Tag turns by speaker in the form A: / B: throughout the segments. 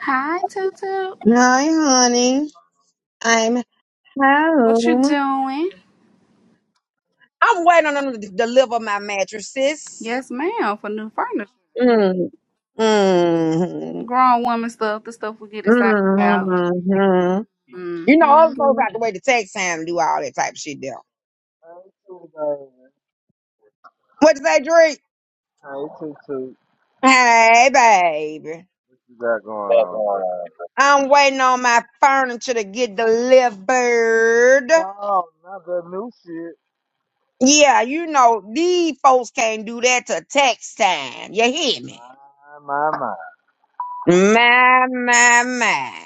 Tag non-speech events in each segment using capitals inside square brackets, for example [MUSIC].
A: Hi, Tutu.
B: Hi, honey. I'm
A: What you
B: home.
A: doing?
B: I'm waiting on them to deliver my mattresses.
A: Yes, ma'am, for new furniture.
B: Mm, mm,
A: Grown woman stuff, the stuff we get excited about.
B: mm, mm. You know,
A: Mm-hmm.
B: other folks mm. have to wait the tax time to do all that type of shit there.
C: Hey, too, baby.
B: What you say, Drake?
C: Hey, too, too.
B: Hey, baby.
C: What you got going on, girl?
B: I'm waiting on my furniture to get delivered.
C: No, not that new shit.
B: Yeah, you know, these folks can't do that till tax time. You hear me?
C: My, my, my.
B: My, my, my.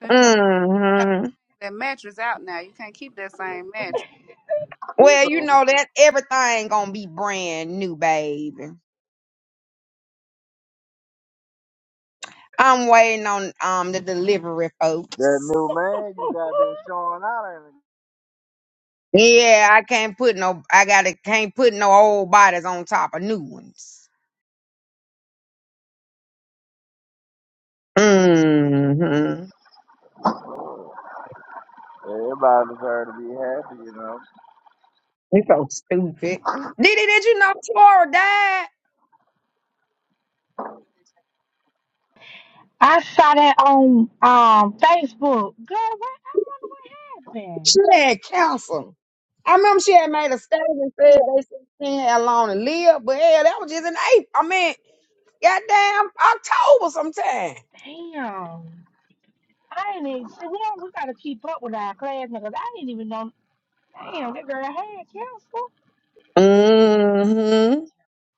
A: Because, you know, you got
B: hmm
A: that mattress out now. You can't keep that same mattress.
C: You
B: Well, you
C: so
B: know that everything gonna be brand new, baby. I'm waiting on um the delivery
C: that
B: folks.
C: new man you got been showing out and
B: Yeah, I can't put no I gotta can't put no old bodies on top of new ones. Mm-hmm.
C: everybody deserve to be happy, you know.
B: You so stupid. Diddy, did you know Tora died?
D: I saw that on um Facebook. Girl, what happened?
B: She had cancer. I remember she had made a statement and said they said she didn't have long to live, but yeah, that was just in April. I mean, goddamn October sometime.
D: Damn. I didn't even see. We don't. We gotta keep up with our class because I didn't even know. Damn, that girl had cancer.
B: Mm-hmm.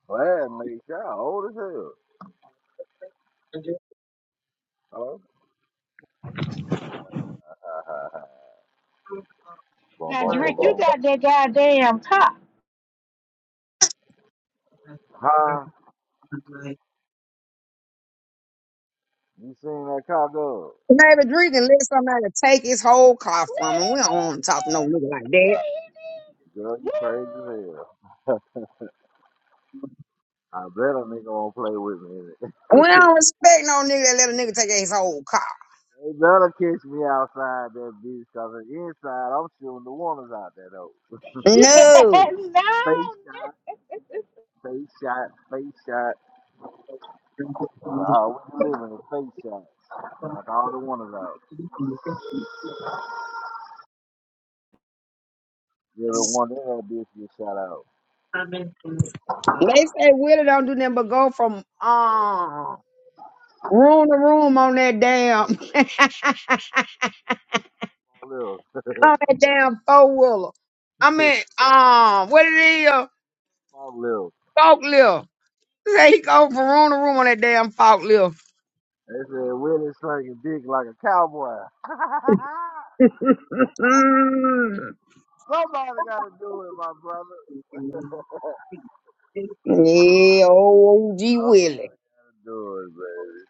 C: Glad makes y'all old as hell. Hello? [LAUGHS] Boom,
D: Now,
C: boom, boom,
D: Drake, you
C: boom.
D: got that goddamn top.
C: Huh? You seen that car go?
B: Baby, drink and let somebody take his whole car from
D: No,
B: him. We don't want to talk to no
D: he
B: nigga like
D: did.
B: that.
C: Girl, you
D: No,
C: crazy as hell. I bet a nigga won't play with me in it.
B: We
C: [LAUGHS]
B: don't respect no nigga that let a nigga take his whole car.
C: They better catch me outside that bitch, cause inside I'm shooting the warners out there though. The
D: he did. Yeah. [LAUGHS] Yeah.
B: No.
D: No. no.
C: face shot, face shot, face shot. Oh, we living a face shot. Knock all the warners out. Give the one that had bitch get shot out.
B: They say Willie don't do nothing but go from uh, room to room on that damn [LAUGHS] on
C: Small Little, [LAUGHS]
B: that damn four wheeler. I mean, um, what it is,
C: small little.
B: forklift. Say he go Verona room on that damn fault lift.
C: They said Willie slinging dick like a cowboy. [LAUGHS] Somebody gotta do it, my brother. [LAUGHS]
B: [LAUGHS] yeah, old OG Willie.
C: Somebody gotta do it, baby.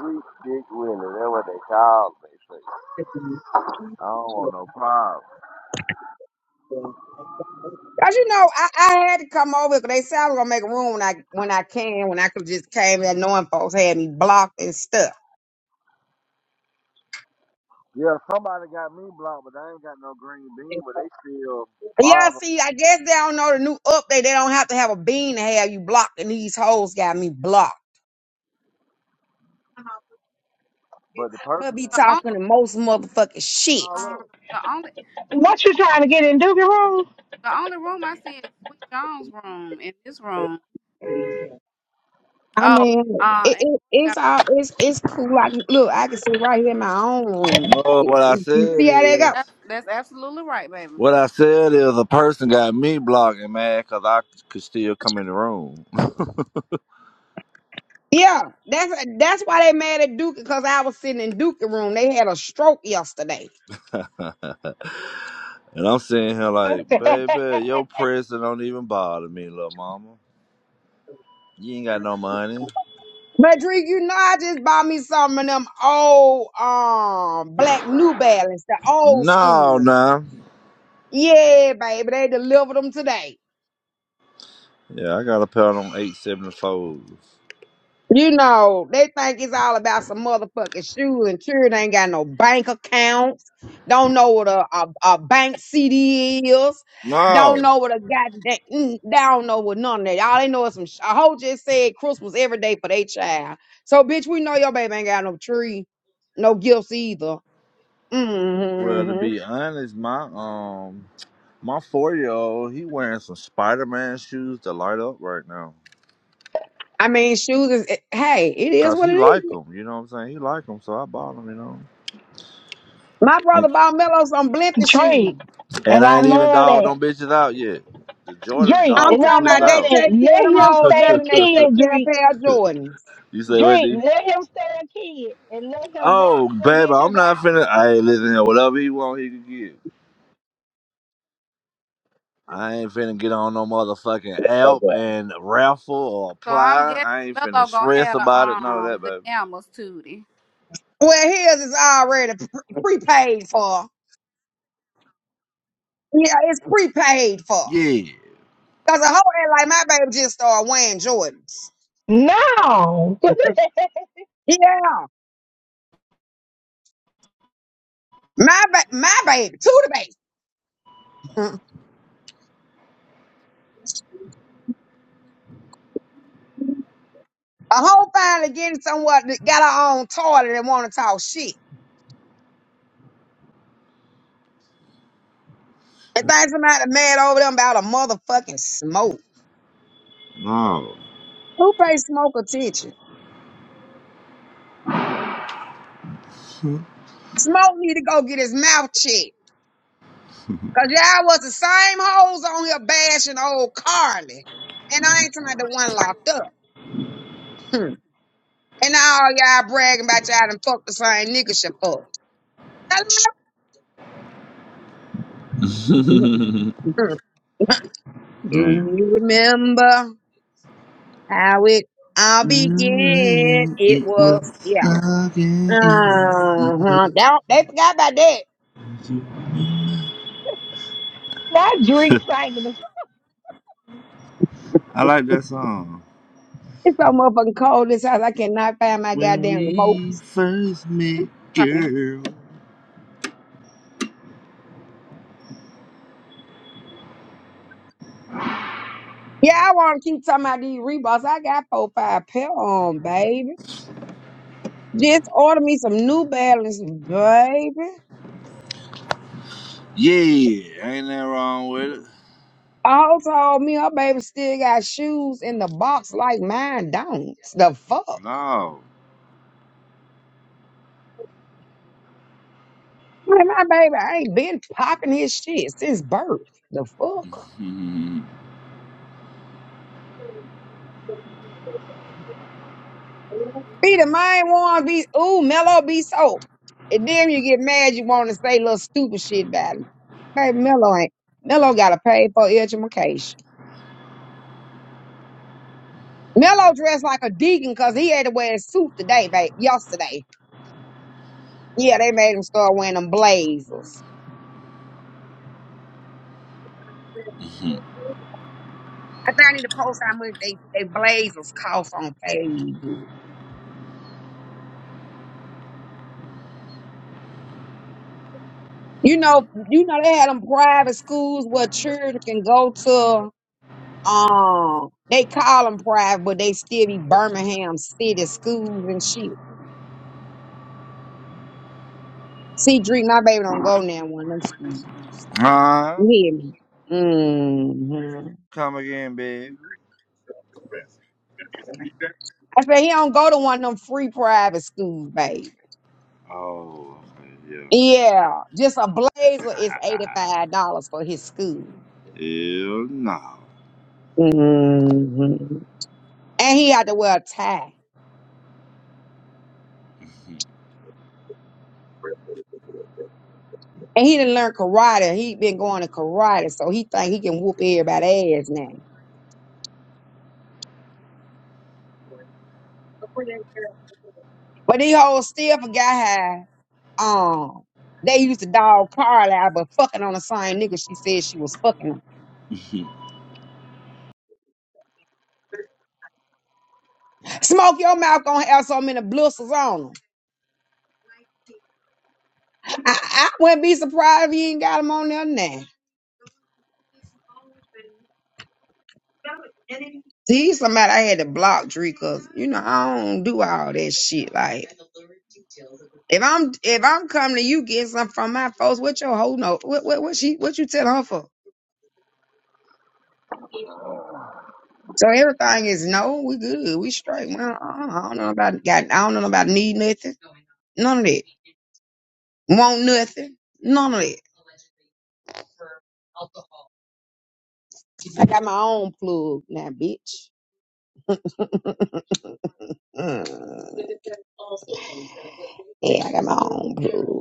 C: Sweet dick Willie, that's what they call me. I don't want no problem.
B: Cause you know, I, I had to come over because they said I was gonna make a room when I when I can, when I could just came that knowing folks had me blocked and stuff.
C: Yeah, somebody got me blocked, but I ain't got no green bean, but they still
B: Yeah,
C: bother.
B: see, I guess they don't know the new update. They don't have to have a bean to have you blocked, and these hoes got me blocked.
C: But the
B: But
C: person
B: be
C: got
A: The
C: me
A: only,
B: talking the
C: blocked.
B: most motherfucking shit.
C: No,
A: um,
C: look.
A: the only, Tutu,
D: What you trying to get in Doogie room?
A: the only room I see is Sweet John's room in this room.
B: I
A: Oh,
B: mean,
A: uh,
B: it,
A: and
B: it, it's
A: that's,
B: all it's it's cool. I can, look, I can sit right here in my own room.
C: No,
B: It-
C: what I
B: it- You
C: said
B: see how they go?
A: that's
C: is,
A: that's absolutely right, baby.
C: what I said is a person got me blocking, man, because I could still come in the room. [LAUGHS]
B: Yeah, that's that's why they mad at Duke because I was sitting in Duke room. They had a stroke yesterday.
C: And I'm sitting here like, baby, your presence don't even bother me, little mama. You ain't got no money.
B: Madrid, you know I just bought me some of them old um black New Balance, the old school
C: No,
B: ones.
C: no.
B: Yeah, baby, they delivered them today.
C: Yeah, I got a pair on 874s.
B: You know, they think it's all about some motherfucking shoes and sure they ain't got no bank accounts. Don't know what a, a, a bank CD is.
C: No.
B: Don't know what a goddamn, mm, they don't know what none of that. All they know is some, sh- a hoe just said Christmas every day for their child. So, bitch, we know your baby ain't got no tree, no gifts either.
C: Well, to
B: hmm
C: be honest, my um My four year old, he wearing some Spider Man shoes to light up right now.
B: I mean, shoes is, eh, hey, it is
C: Cause
B: what it
C: he like
B: is.
C: them, you know what I'm saying? He like them, so I bought them, you know.
B: My
C: And,
B: brother bought Mello some
D: [LAUGHS]
B: blimpy shoes.
D: Drake.
C: and
D: And
C: I
D: I
C: ain't even
D: love
C: dogged
D: that.
C: them bitches out yet. The Jordans
D: Drink,
B: I'm
C: dog
D: and I
B: talking
C: complete
B: about
D: love
B: they
C: out.
D: that.
B: take care
D: Let
B: of them
D: him
B: hoes
C: [LAUGHS]
D: stay
B: better
D: a
B: than they take
D: kid,
B: care of
D: drink.
B: a pair of Jordans.
C: you say what,
D: Drink,
C: D?
D: let him stay a kid and let him rock
C: Oh,
D: them
C: baby, I'm
D: bitches
C: not
D: out.
C: finna. Hey, listen here, whatever he want, he can get. I ain't finna get on no motherfucking app and raffle or
A: So I'm
C: apply.
A: guessing
C: I ain't finna
A: Mello gonna
C: stress
A: have the,
C: about it, none of that,
A: um, the gammas, Tootie.
B: Well, his is already pre- prepaid for. Yeah, it's prepaid for.
C: baby. Yeah.
B: Cause a whole act like my baby just started wearing Jordans.
D: No, [LAUGHS]
B: Yeah, my ba- my baby, to the baby. [LAUGHS] a whole finally getting somewhere that got her own toilet and want to talk shit. And think somebody mad over them about a motherfucking smoke.
C: No.
B: Who pays smoke attention? Smoke need to go get his mouth checked. Cause y'all was the same hoes on here bashing old Carly. And I ain't talking about the one locked up. Hmm. And now all y'all bragging about y'all done fucked the same nigga she fucked. Hello? [LAUGHS]
C: [LAUGHS] Damn.
B: Do you remember how it all began?
C: Mm,
B: It
C: It was
B: was, yeah.
C: again.
B: Uh-huh. They, don't- they forgot about that.
C: [LAUGHS]
D: not drink singing the
C: I like that song.
B: It's so motherfucking cold in this house. I cannot find my
C: When
B: goddamn remote.
C: we first met, girl.
B: Yeah, I want to keep talking about these Reeboks. I got four, five pair on, baby. Just ordered me some New Balance, baby.
C: Yeah, ain't that wrong with it?
B: All told me her baby still got shoes in the box like mine don't. The fuck?
C: No.
B: Man, my baby ain't been popping his shit since birth. The fuck?
C: [LAUGHS]
B: Be the main one, be, ooh, Mello be so. And then you get mad, you want to say little stupid shit about him. Baby, Mello ain't. Mello got to pay for education. Mello dressed like a deacon because he had to wear a suit today, babe, yesterday. Yeah, they made them start wearing them blazers. I think I need to post how much they, they blazers cost on Facebook. You know, you know they had them private schools where children can go to. Um, they call them private, but they still be Birmingham city schools and shit. See, Dream, my baby don't go now one of them schools.
C: huh?
B: You hear me? hmm
C: Come again, babe.
B: I said he don't go to one of them free private schools, baby.
C: Oh, okay, yeah. [LAUGHS]
B: Yeah, just a blazer is eighty
C: Ah,
B: five dollars for his school.
C: Hell no. [LAUGHS] Been
B: hmm And he had to wear a tie. And he didn't learn karate. He been going to karate, so he think he can whoop everybody's ass now. But he whole still forgot how um they used to dog Carly out, but fucking on the same nigga she said she was fucking him.
C: doing
B: Smoke your mouth gonna have so many blisters on him. I, I wouldn't be surprised if he ain't got him on there now. He's somebody I had to block Dree because you know I don't do all that shit. Like if I'm if I'm coming to you getting something from my folks, what your whole note? What what what she what you telling her for? So everything is no, we good, we straight. Well, uh, I don't know about got I don't know about need nothing, none of that. Want nothing, none of that. I got my own plug now, bitch. [LAUGHS] Mm. Yeah, I got my own plug.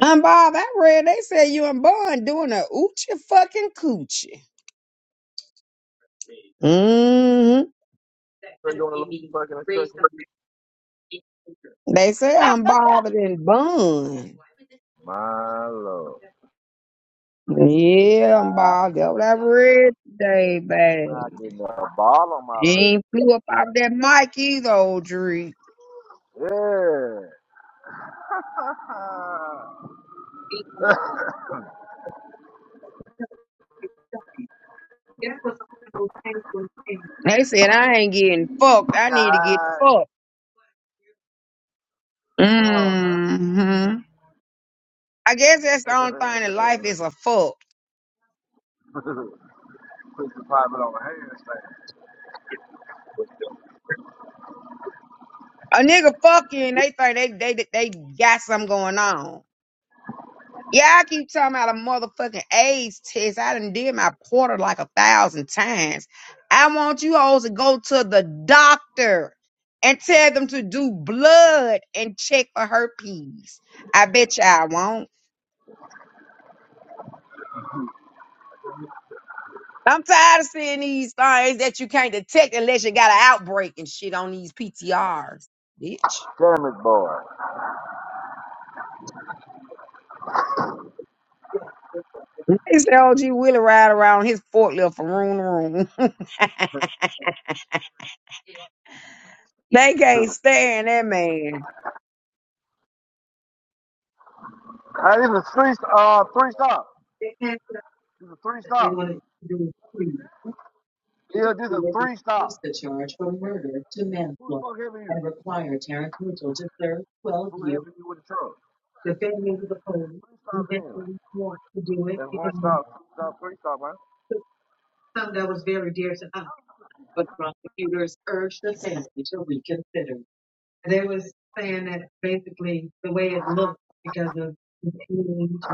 B: Um, Bob, I read they said you and Bun doing a oochie fucking coochie. Mm-hmm.
C: a little fucking and tricking.
B: They say I'm bothered and Bun.
C: My lord.
B: Yeah, I'm bothered. That's what I read today, babe.
C: knocking the bottom on
B: He
C: my
B: ain't flew up off that mic either, old Dree.
C: Yeah. [LAUGHS]
B: They said I ain't getting fucked. I need to get
C: Nice,
B: fucked.
C: No, no.
B: Mm-hmm. I guess that's the only thing in
C: [LAUGHS]
B: life is a fuck.
C: Put the pilot on the hands,
B: A nigga fuck you and
C: man.
B: they think they they they got something going on. Yeah, I keep talking about a motherfucking AIDS test. I done did my porter like a thousand times. I want you hoes to go to the doctor and tell them to do blood and check for herpes. I bet you I won't. I'm tired of seeing these things that you can't detect unless you got an outbreak and shit on these PTRs, bitch.
C: Damn it, boy.
B: They say OG Willie ride around his forklift from room to room. [LAUGHS] they can't stand that man.
C: Hey, this is a three, uh, three stop. This is a three stop. Yeah, this is a three stop. Who the fuck helping you? Who helping you with the truck? This three stop then. That's one stop, two stop, three stop, man.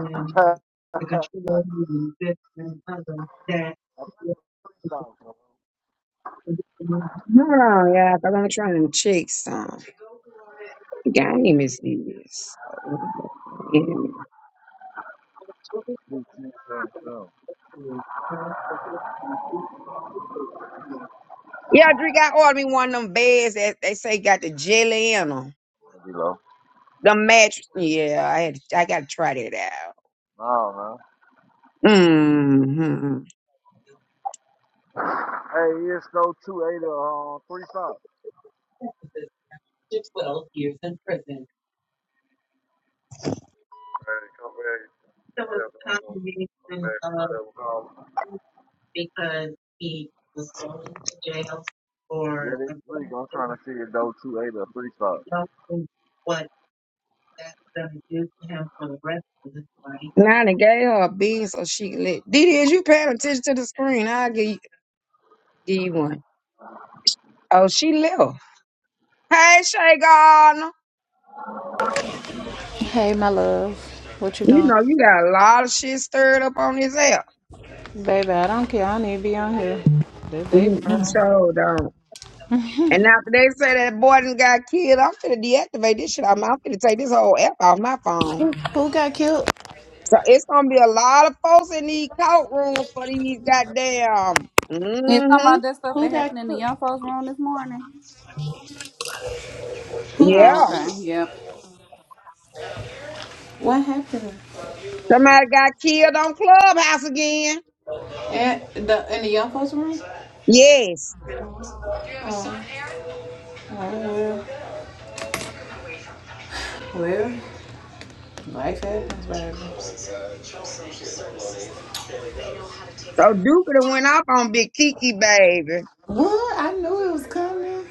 C: [LAUGHS] I think it's three stop, bro.
B: No, yeah, but I'm trying to check some. What game is this?
C: This shit sounds
B: Yeah, Drake, I ordered me one of them beds that they say got the jelly in them.
C: dumb.
B: The mattress. Yeah, I had to, I gotta try that out.
C: No man.
B: Mm-hmm.
C: Hey, he stole two eight uh, three stops. Hey, come back. Tell them i to come back. Might have a call. Yeah, this week I'm trying to see if those two eight or three stops.
B: Now they gave her a bean so she can let Didi, is you paying attention to the screen? I'll give you, give you one. Oh, she left. Hey, Shay Gardner.
E: Hey, my love. What you
B: You
E: doing?
B: know, you got a lot of shit stirred up on this app.
E: Baby, I don't care. I need to be on here. This they
B: You, you
E: problem.
B: showed on. And after they say that boy done got killed, I'm finna deactivate this shit. I'm, I'm finna take this whole app off my phone.
E: Who, who got killed?
B: So it's gonna be a lot of folks in these court rooms for these goddamn.
A: You talking
B: Mm-hmm.
A: about that stuff
E: Who
A: that happened
E: got
A: in the
E: killed?
A: young folks room this morning?
E: Who got
A: No,
B: Yeah.
A: okay,
E: killed?
A: yep.
E: What happened?
B: Somebody got killed on Clubhouse again.
E: At the, in the young folks room?
B: Yes.
E: Oh, well, well, life happens, baby.
B: So Duke done went off on Big Kiki, baby.
E: What? I knew it was coming.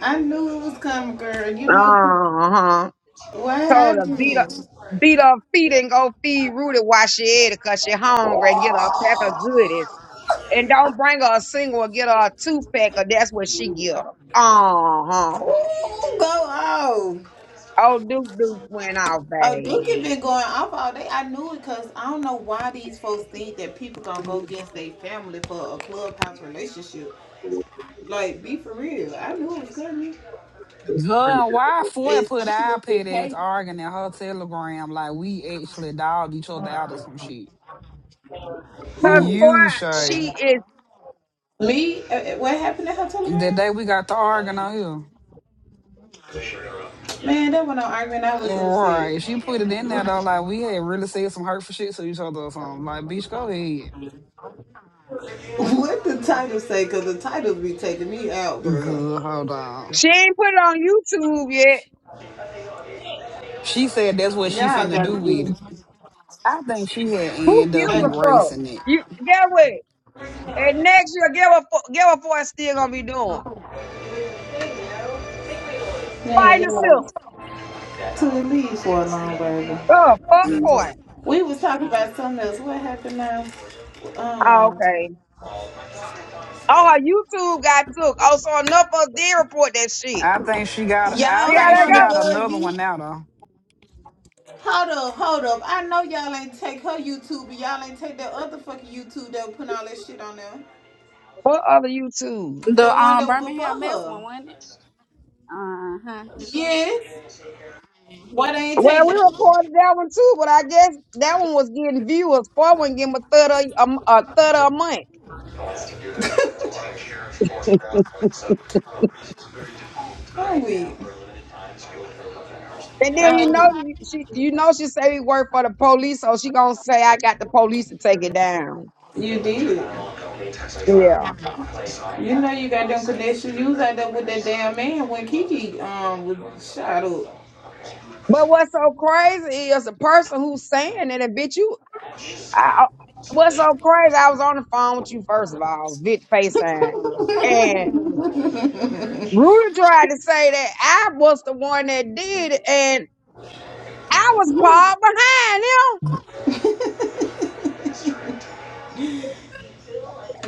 E: I knew it was coming, girl. You know
B: Uh-huh.
E: what
B: Told her beat
E: happened?
B: her, beat her feet and go feed Rudy while she ate it 'cause she hungry and get her a pack of goodies. And don't bring her a single or get her a two pack, or that's what she get her. Uh huh.
E: Ooh, go off.
B: Oh, Duke Duke went off,
E: Oh,
B: babe.
E: Dookie been going off all day. I knew it because I don't know why these folks think that people gonna go against their family for a clubhouse relationship. Like, be for real. I knew it was coming.
F: Girl, why Foy put
E: It's
F: our pet ass
E: okay.
F: arguing in her telegram like we actually dogged each other out or some shit?
B: Cause boy,
E: Who?
F: You Shay.
B: she is.
E: Me? Uh, uh, What happened to her
F: The
E: telegram?
F: day we got to arguing on
E: Man, that one on argument. I was
F: here.
E: upset.
F: Right. She put it in there though, like we had really said some hurtful shit to each other or something. Like, bitch, go ahead.
E: [LAUGHS] what the title say? Cause the title be taking me out, bro.
F: Good, hold on.
B: She ain't put it on YouTube yet.
F: She said that's what she
E: Y'all
F: finna
E: gotta
F: do
E: do
F: with it. I think she had
B: Who
F: end up
B: gives a
E: it.
B: fuck?
F: erasing it.
B: You that way. And next year, get what fu- get what boy still gonna be doing?
E: Man,
B: Fighting the
E: y'all
B: sister.
E: to the lead for a long, baby.
B: Oh, fuck
F: Mm.
B: boy.
E: We was talking about something else. What happened now?
B: Oh,
E: Um.
B: okay. Oh, her YouTube got took. Oh, so enough of us did report that shit.
F: I think she got I
B: See
E: Y'all
B: how
E: ain't
F: think
B: that
F: she
E: on the
B: go?
F: got another
E: buggy.
F: one now
E: Hold up, hold up. I know y'all ain't take her YouTube, but y'all ain't take that other fucking YouTube that was putting all that shit on there.
B: What other YouTube?
E: The
A: The
E: one
A: um
E: that was
A: Birmingham
E: before
A: Mets one,
E: her.
A: wasn't it? Uh huh.
E: Yes. Why they ain't
B: Well,
E: take
B: we
E: that?
B: reported that one too, but I guess that one was getting viewers. Four one getting a third of a, m- a third of a month.
E: [LAUGHS] Wrong with.
B: And then you
E: Dang,
B: know you- she, you know she say we work for the police, so she gonna say I got the police to take it down.
E: you did.
B: Yeah.
E: You know you got them connections. You was out there with that damn man when Kiki um was shot up.
B: But what's so crazy is the person who's saying it, and bitch, you. I, I- what's so crazy? I was on the phone with you first of all, Vic FaceTime, and Rudy tried to say that I was the one that did it, and I was far behind him.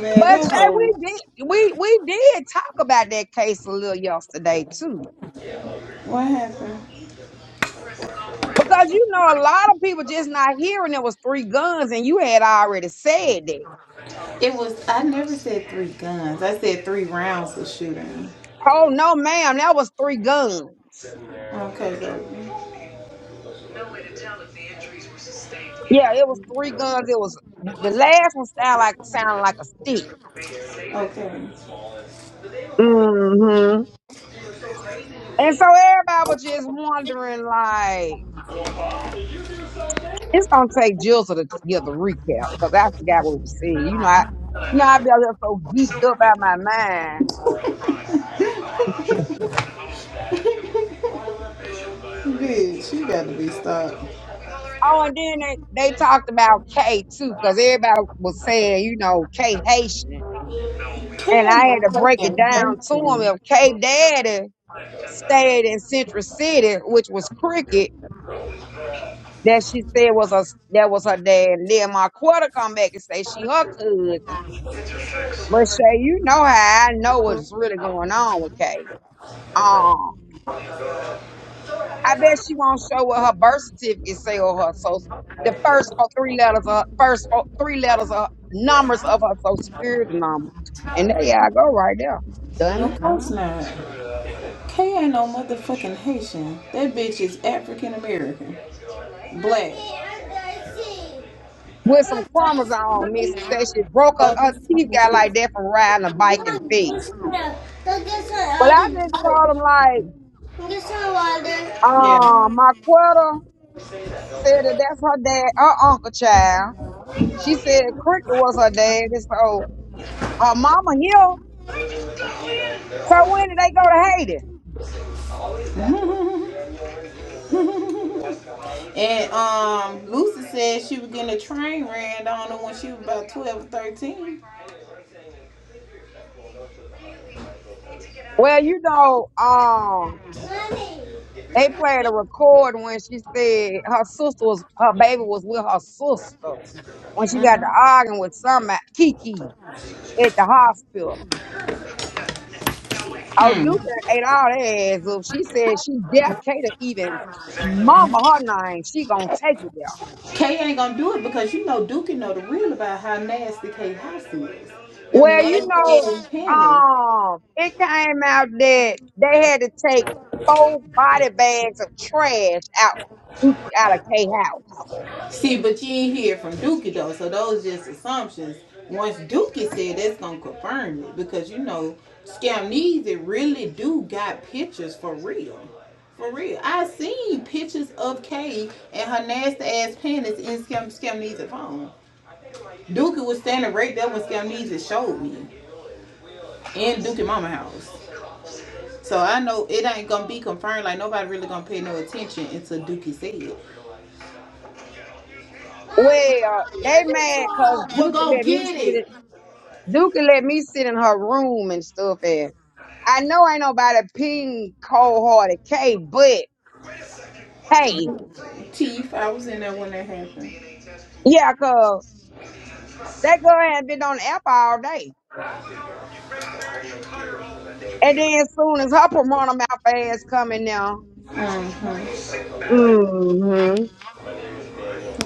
E: Man,
B: But
E: that
B: say we
E: whole
B: did we we did talk about that case a little yesterday too.
E: what happened?
B: Because you know a lot of people just not hearing it was three guns and you had already said that.
E: It was I never said three guns. I said three rounds of shooting.
B: Oh no, ma'am, that was three guns.
E: Okay, baby. No way to tell if the injuries were sustained
B: Yeah, it was three guns. It was the last one sound like sounded like a stick.
E: in or Okay.
B: hmm And so everybody was just wondering like It's gonna take Jill to the- give the recap because I forgot what was said. You know, I you know I be out there so geeked up out my mind.
E: Bitch, you gotta be stopped.
B: Oh, and then they, they talked about K too, because everybody was saying, you know, K Haitian. And
E: Can
B: I had
E: the
B: to break it
E: fucking
B: down to him.
E: Haitian.
B: If K Daddy stayed in Central City, which was cricket, that she said was a that was her dad. And then Marquetta come back and say she her cousin. But Shay, you know how I know what's really going on with K. I bet she won't show what her birth certificate say or her social. The first four, three letters of her, first four, three letters of numbers of her social security number, and there yeah, I go right there, dummy.
E: Of course not. Kay ain't no motherfucking Haitian. That bitch is African American. Black.
B: With some chromosomes missing, said she broke her, her teeth got like that from riding a bike and fell. But I just told him like,
E: Yeah.
B: um, my quarter said that that's her dad, her uncle child. She said Cricket was her dad, and so her mama here. So when did they go to Haiti?
E: [LAUGHS] And um, Lucy said she was getting a train ran on her when she was about 12 or 13.
B: Well, you know, um,
E: Mommy.
B: they played a record when she said her sister was her baby was with her sister when she got to arguing with some Kiki at the hospital. Oh,
E: Hmm.
B: Duke ate all that ass up. She said she dare Kato even mama her name. She gonna take it there.
E: Kay ain't gonna do it because you know Dookie know the real about how nasty Kay House is. Them
B: Well, you
E: nasty
B: know,
E: ass panties.
B: um, it came out that they had to take four body bags of trash out Duke out of K house.
E: See, but you ain't hear from Dookie though, so those just assumptions. Once Dookie said that's gonna confirm it because you know Scamnesia really do got pictures for real. For real. I seen pictures of Kay and her nasty ass panties in Scam Scamnesia's phone. Dookie was standing right there when Scamnesia showed me in Dookie Mama house. So I know it ain't gonna be confirmed, like nobody really gonna pay no attention until Dookie said it.
B: Well, they mad cause
E: will
B: Dookie
E: go
B: let me
E: get
B: sit in
E: it.
B: Dookie let me sit in her room and stuff and I know ain't nobody ping cold hearted K but hey,
E: Teeth. I was in there when that happened.
B: yeah, cause that girl had been on the app all day. And then as soon as her promoter mouth ass coming now,
E: Mm-hmm.
B: mm-hmm.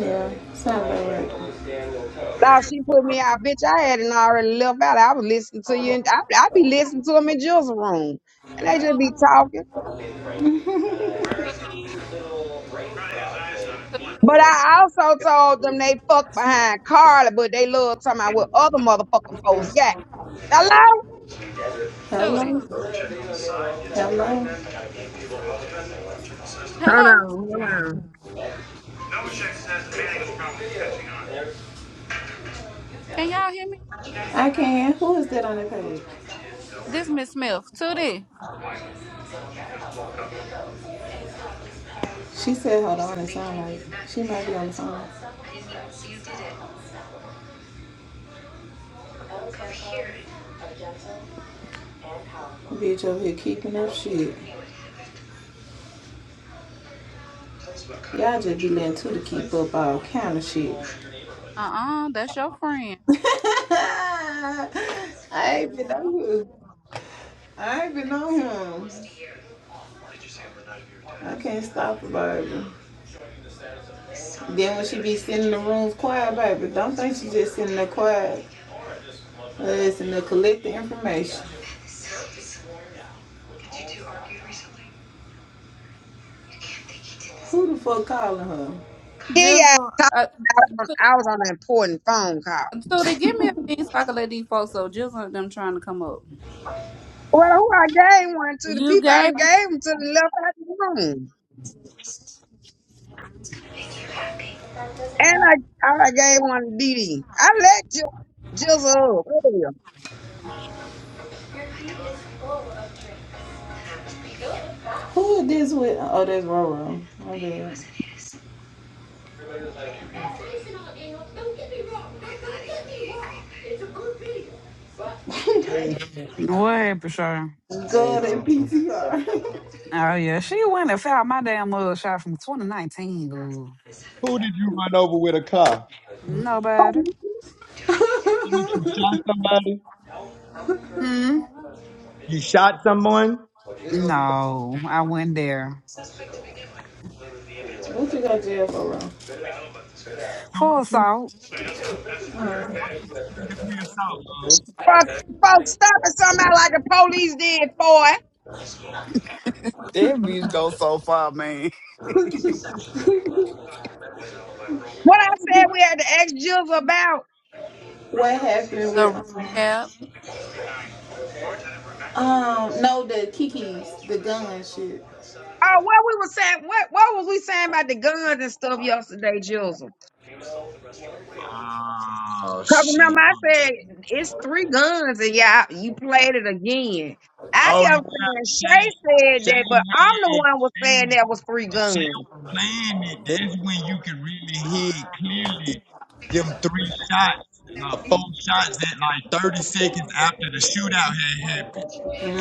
E: Yeah. Sound about right.
B: Thought she put me out, bitch. I hadn't already left out. I was listening to you and I, I be listening to them in Jill's room. And they just
A: Toot
B: be talking.
A: toot toot
B: But I also told them they fuck behind Carla, but they love talking about what other motherfucking folks got. Hello?
A: toot tootie.
E: Hello? Hello?
B: Hold
A: Hello,
B: on, hold on.
A: can y'all hear me?
E: I can. Who is that on that page?
A: This Miss Smith, Tootie.
E: She said, hold on. It sound like she might be on the phone. Bitch over here keeping up shit. Y'all just be letting two to keep up all kind of shit.
A: Uh uh, that's your friend.
E: [LAUGHS] I ain't been on him. I ain't been on him. I can't stop her, baby. Then when she be sitting in the rooms quiet, baby, don't think she just sitting there quiet. Listen to collect the information. Who the fuck calling her?
B: Yeah, yeah.
A: Jizzle,
B: I
A: uh,
B: was on
A: Toot-
B: I was on an important phone call.
A: Tootie, give me a bean so I can let these folks know. Jizzle and them trying to come up.
B: Well, who I gave one to? The
A: You
B: people I
A: gave
B: done
A: it
B: gave them to the left out the room. And I, I done gave one to Didi. I let you jizzle up. earlier.
E: Who is this with? Oh, that's Roro. My bad.
G: Listen,
F: though. What happened, Shay?
E: Go to
G: listen. Come
E: PTR.
G: on.
F: Oh yeah, she went and found my damn mugshot from 2019. Ooh.
G: Who did you run over with a car?
F: No better.
B: Who-
E: [LAUGHS] what
G: So What you shot somebody?
F: Hmm.
G: You shot someone? They gonna be like,
F: No, I went there.
E: you got jail for, Roro? But
G: so what
F: Full
G: you
F: assault.
G: what's the what's the second
E: Uh,
G: degree assault, love?
B: Fuck, folks stopping somebody like the police did for it.
F: That bitch go so far, man.
B: What I said we had to ask Jizzle about.
E: What happened with
A: the
E: um,
A: recap.
E: um no the Kiki's the gun shit.
B: Oh, what we were saying, what what was we saying about the guns and stuff yesterday, Jules?
G: Oh
B: Cause
G: shit.
B: remember I said it's three guns and y'all you played it again. I
G: Oh
B: kept
G: yeah,
B: saying Shay
G: Shane.
B: said
G: Shane
B: that, but I'm the
G: had
B: one was
G: Shane
B: saying
G: was-
B: that was three
G: if Shane
B: guns.
G: was playing it, that's when you can really hear clearly them three shots. No, four shots at like 30 seconds after the shootout had happened.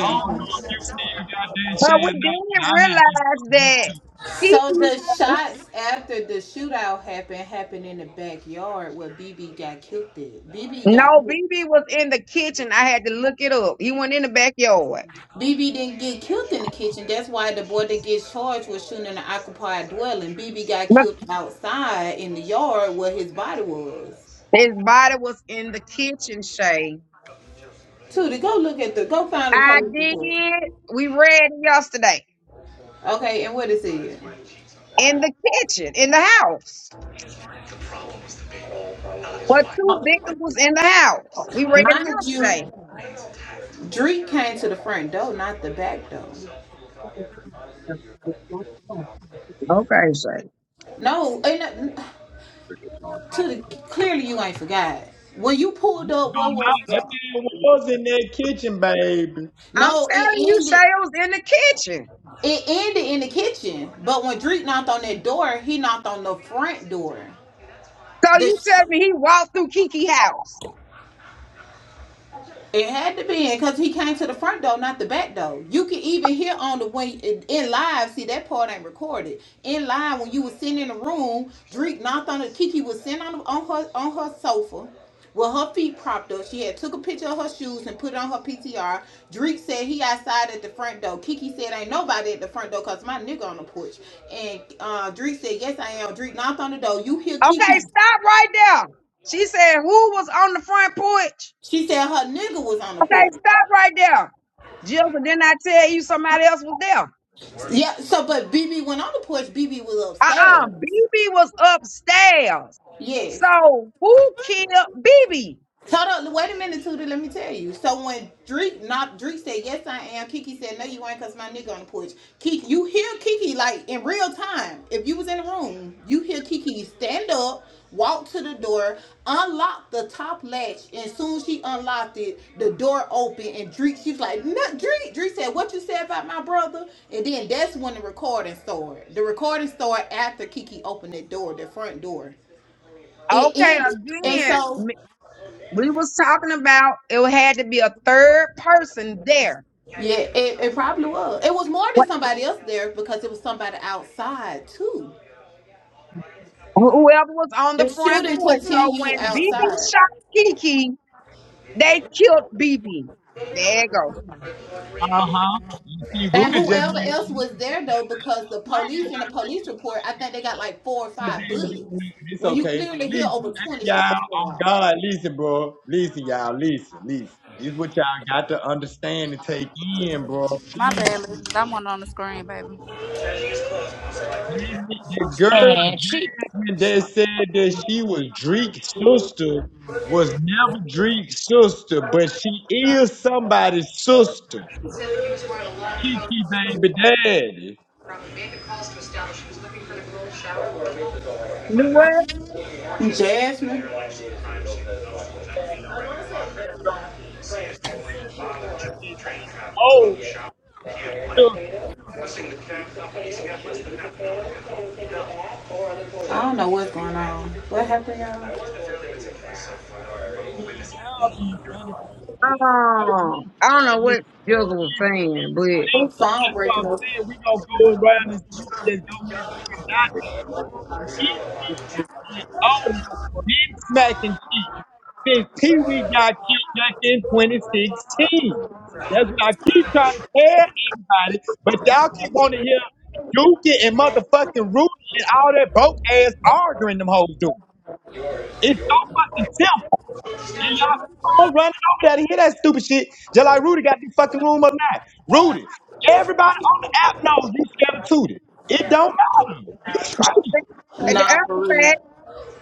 G: I don't know if you still got there
B: But
G: saying
B: we
G: that shit or not, but
B: didn't
G: I had this
B: realize
G: on
B: that
G: YouTube.
E: So the
B: Piki
E: shots after the shootout happened happened in the backyard where BB got killed. At. BB got
B: no BB was in the kitchen. I had to look it up. He went in the backyard.
E: BB didn't get killed in the kitchen. That's why the boy that gets charged was shooting in the occupied dwelling. BB got
B: Look,
E: killed outside in the yard where his body was.
B: His body was in the kitchen, Shay.
E: Tootie, go look at the go find the
B: I
E: police report.
B: did. We read it yesterday.
E: Okay, and what it said.
B: in the kitchen, in the house. But two victims was in the house. We read it
E: Mind you,
B: yesterday.
E: Dree came to the front door, not the back door.
B: Okay, Shay.
E: No, ain't not, to the clearly you ain't forgot. When you pulled up,
G: No,
E: what was
G: not that
E: the
G: man was in that kitchen, baby.
B: I'm
E: no?
B: telling you,
E: It ended.
B: Shay was in the kitchen.
E: It ended in the kitchen. But when Dree knocked on that door, he knocked on the front door.
B: So you tell
E: The
B: me he walked through Kiki house.
E: It had to be in because he came to the front door, not the back door. You can even hear on the way in live. See that part ain't recorded. In live, when you was sitting in the room, Drake knocked on the Kiki was sitting on the, on her on her sofa with her feet propped up. She had took a picture of her shoes and put it on her PTR. Drake said he outside at the front door. Kiki said ain't nobody at the front door cause my nigga on the porch. And uh, Drake said yes I am. Drake knocked on the door. You hear
B: Okay,
E: Kiki?
B: stop right there. She said, who was on the front porch?
E: She said her nigga was on the
B: Okay,
E: porch.
B: stop right there. Jill, didn't I tell you somebody else was there?
E: Yeah, so but BB went on the porch, BB was
B: Uh-uh.
E: upstairs.
B: BB was upstairs.
E: Yes.
B: So who killed BB?
E: Hold up, wait a minute, Tudor. Let me tell you. So when Drake, not Drake said yes, I am. Kiki said no, you ain't, cause my nigga on the porch. Kiki, you hear Kiki like in real time. If you was in the room, you hear Kiki stand up, walk to the door, unlock the top latch, and soon she unlocked it, the door opened, and Drake, she was like, no, Drake. Drake said, what you said about my brother? And then that's when the recording started. The recording started after Kiki opened the door, the front door. It
B: Okay,
E: ended, and so.
B: again, We was talking about it had to be a third person there.
E: Yeah, it, it probably was. It was more than
B: What-
E: somebody else there because it was somebody outside too.
B: Whoever was on
E: The
B: the front
E: shooting
B: porch. So
E: continued
B: when BB
E: outside.
B: shot Kiki, they killed BB. There you go.
G: Uh huh. You see,
E: And
G: Rudy just
E: whoever
G: made the
E: else
G: move.
E: was there though, because the
G: Why you
E: police in the
G: gotta
E: police
G: put
E: report, I think they got like four or
G: the
E: five bullets.
G: It's
E: When you
G: okay.
E: clearly hear
G: Listen,
E: over
G: hey,
E: twenty
G: y'all,
E: shots go
G: on
E: off.
G: God, listen, bro. Listen, y'all, listen, listen. This is what y'all got to understand and take in, bro.
A: My
G: Please.
A: bad, Liz, 'cause I want it on the screen, baby.
G: The the girl
H: And she
G: Jasmine that said that she was Dreek's sister was never Dreek's sister, but she is somebody's sister.
E: He said he was wearing a long
G: Kiki
E: coat.
G: baby daddy.
E: Probably made the calls to establish he was looking for the girl shower.
B: You know what?
E: Jasmine.
G: Oh,
E: Jasmine.
G: sister,
E: I don't know what's going on. What happened, y'all?
G: man, y'all be running so bad in circles. Listen,
B: Um, I don't know
G: listen,
B: what Jugga was
G: listen,
B: saying, but
G: listen.
E: Who's song
G: That's what
E: breaking
G: I'm
E: up?
G: saying. We gonna go around and we can just go here and put it out. He and O been smacking shit since Pee Wee got killed back in 2016. That's what I keep trying to tell everybody, but y'all keep wanting to hear Dookie and motherfucking Rudy and all that broke ass arguing them hoes do. It's so fucking simple. And y'all keep on running over that and hear that stupid shit. Just like Rudy got this fucking room up now. Rudy, everybody on the app knows you scared of Tootie. It don't matter. You straight.
B: the
E: Nah, for
B: other fact,
E: real.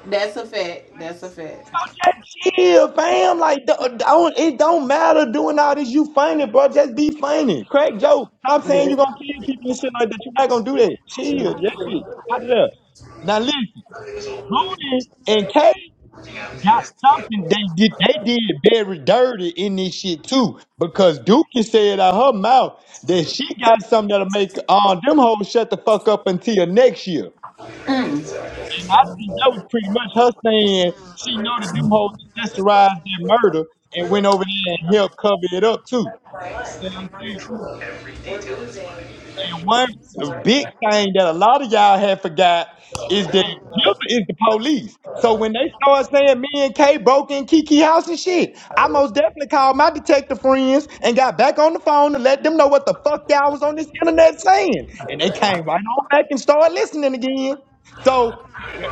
E: That's a fact. That's a fact.
G: Just chill, fam. Like, do don't- it don't matter doing all this. You funny, bro. Just be funny. Crack joke. Stop saying you are gonna kill people and shit like that. You're not gonna do that. Chill. That shit out of there. Now listen, Mooney and Kay got
E: Yes.
G: something they did. They did very dirty in this shit too, because Dookie said out her mouth that she got something that'll make uh, them hoes shut the fuck up until next year.
E: Mm.
G: And I think that was pretty much her saying she know that them hoes accessorized that murder and went over there and helped cover it up too. You know what I'm saying? And one big thing that a lot of y'all have forgot is that Gilda is the police. So when they start saying me and Kay broke in Kiki house and shit, I most definitely called my detective friends and got back on the phone to let them know what the fuck y'all was on this internet saying. And they came right on back and started listening again. So Y'all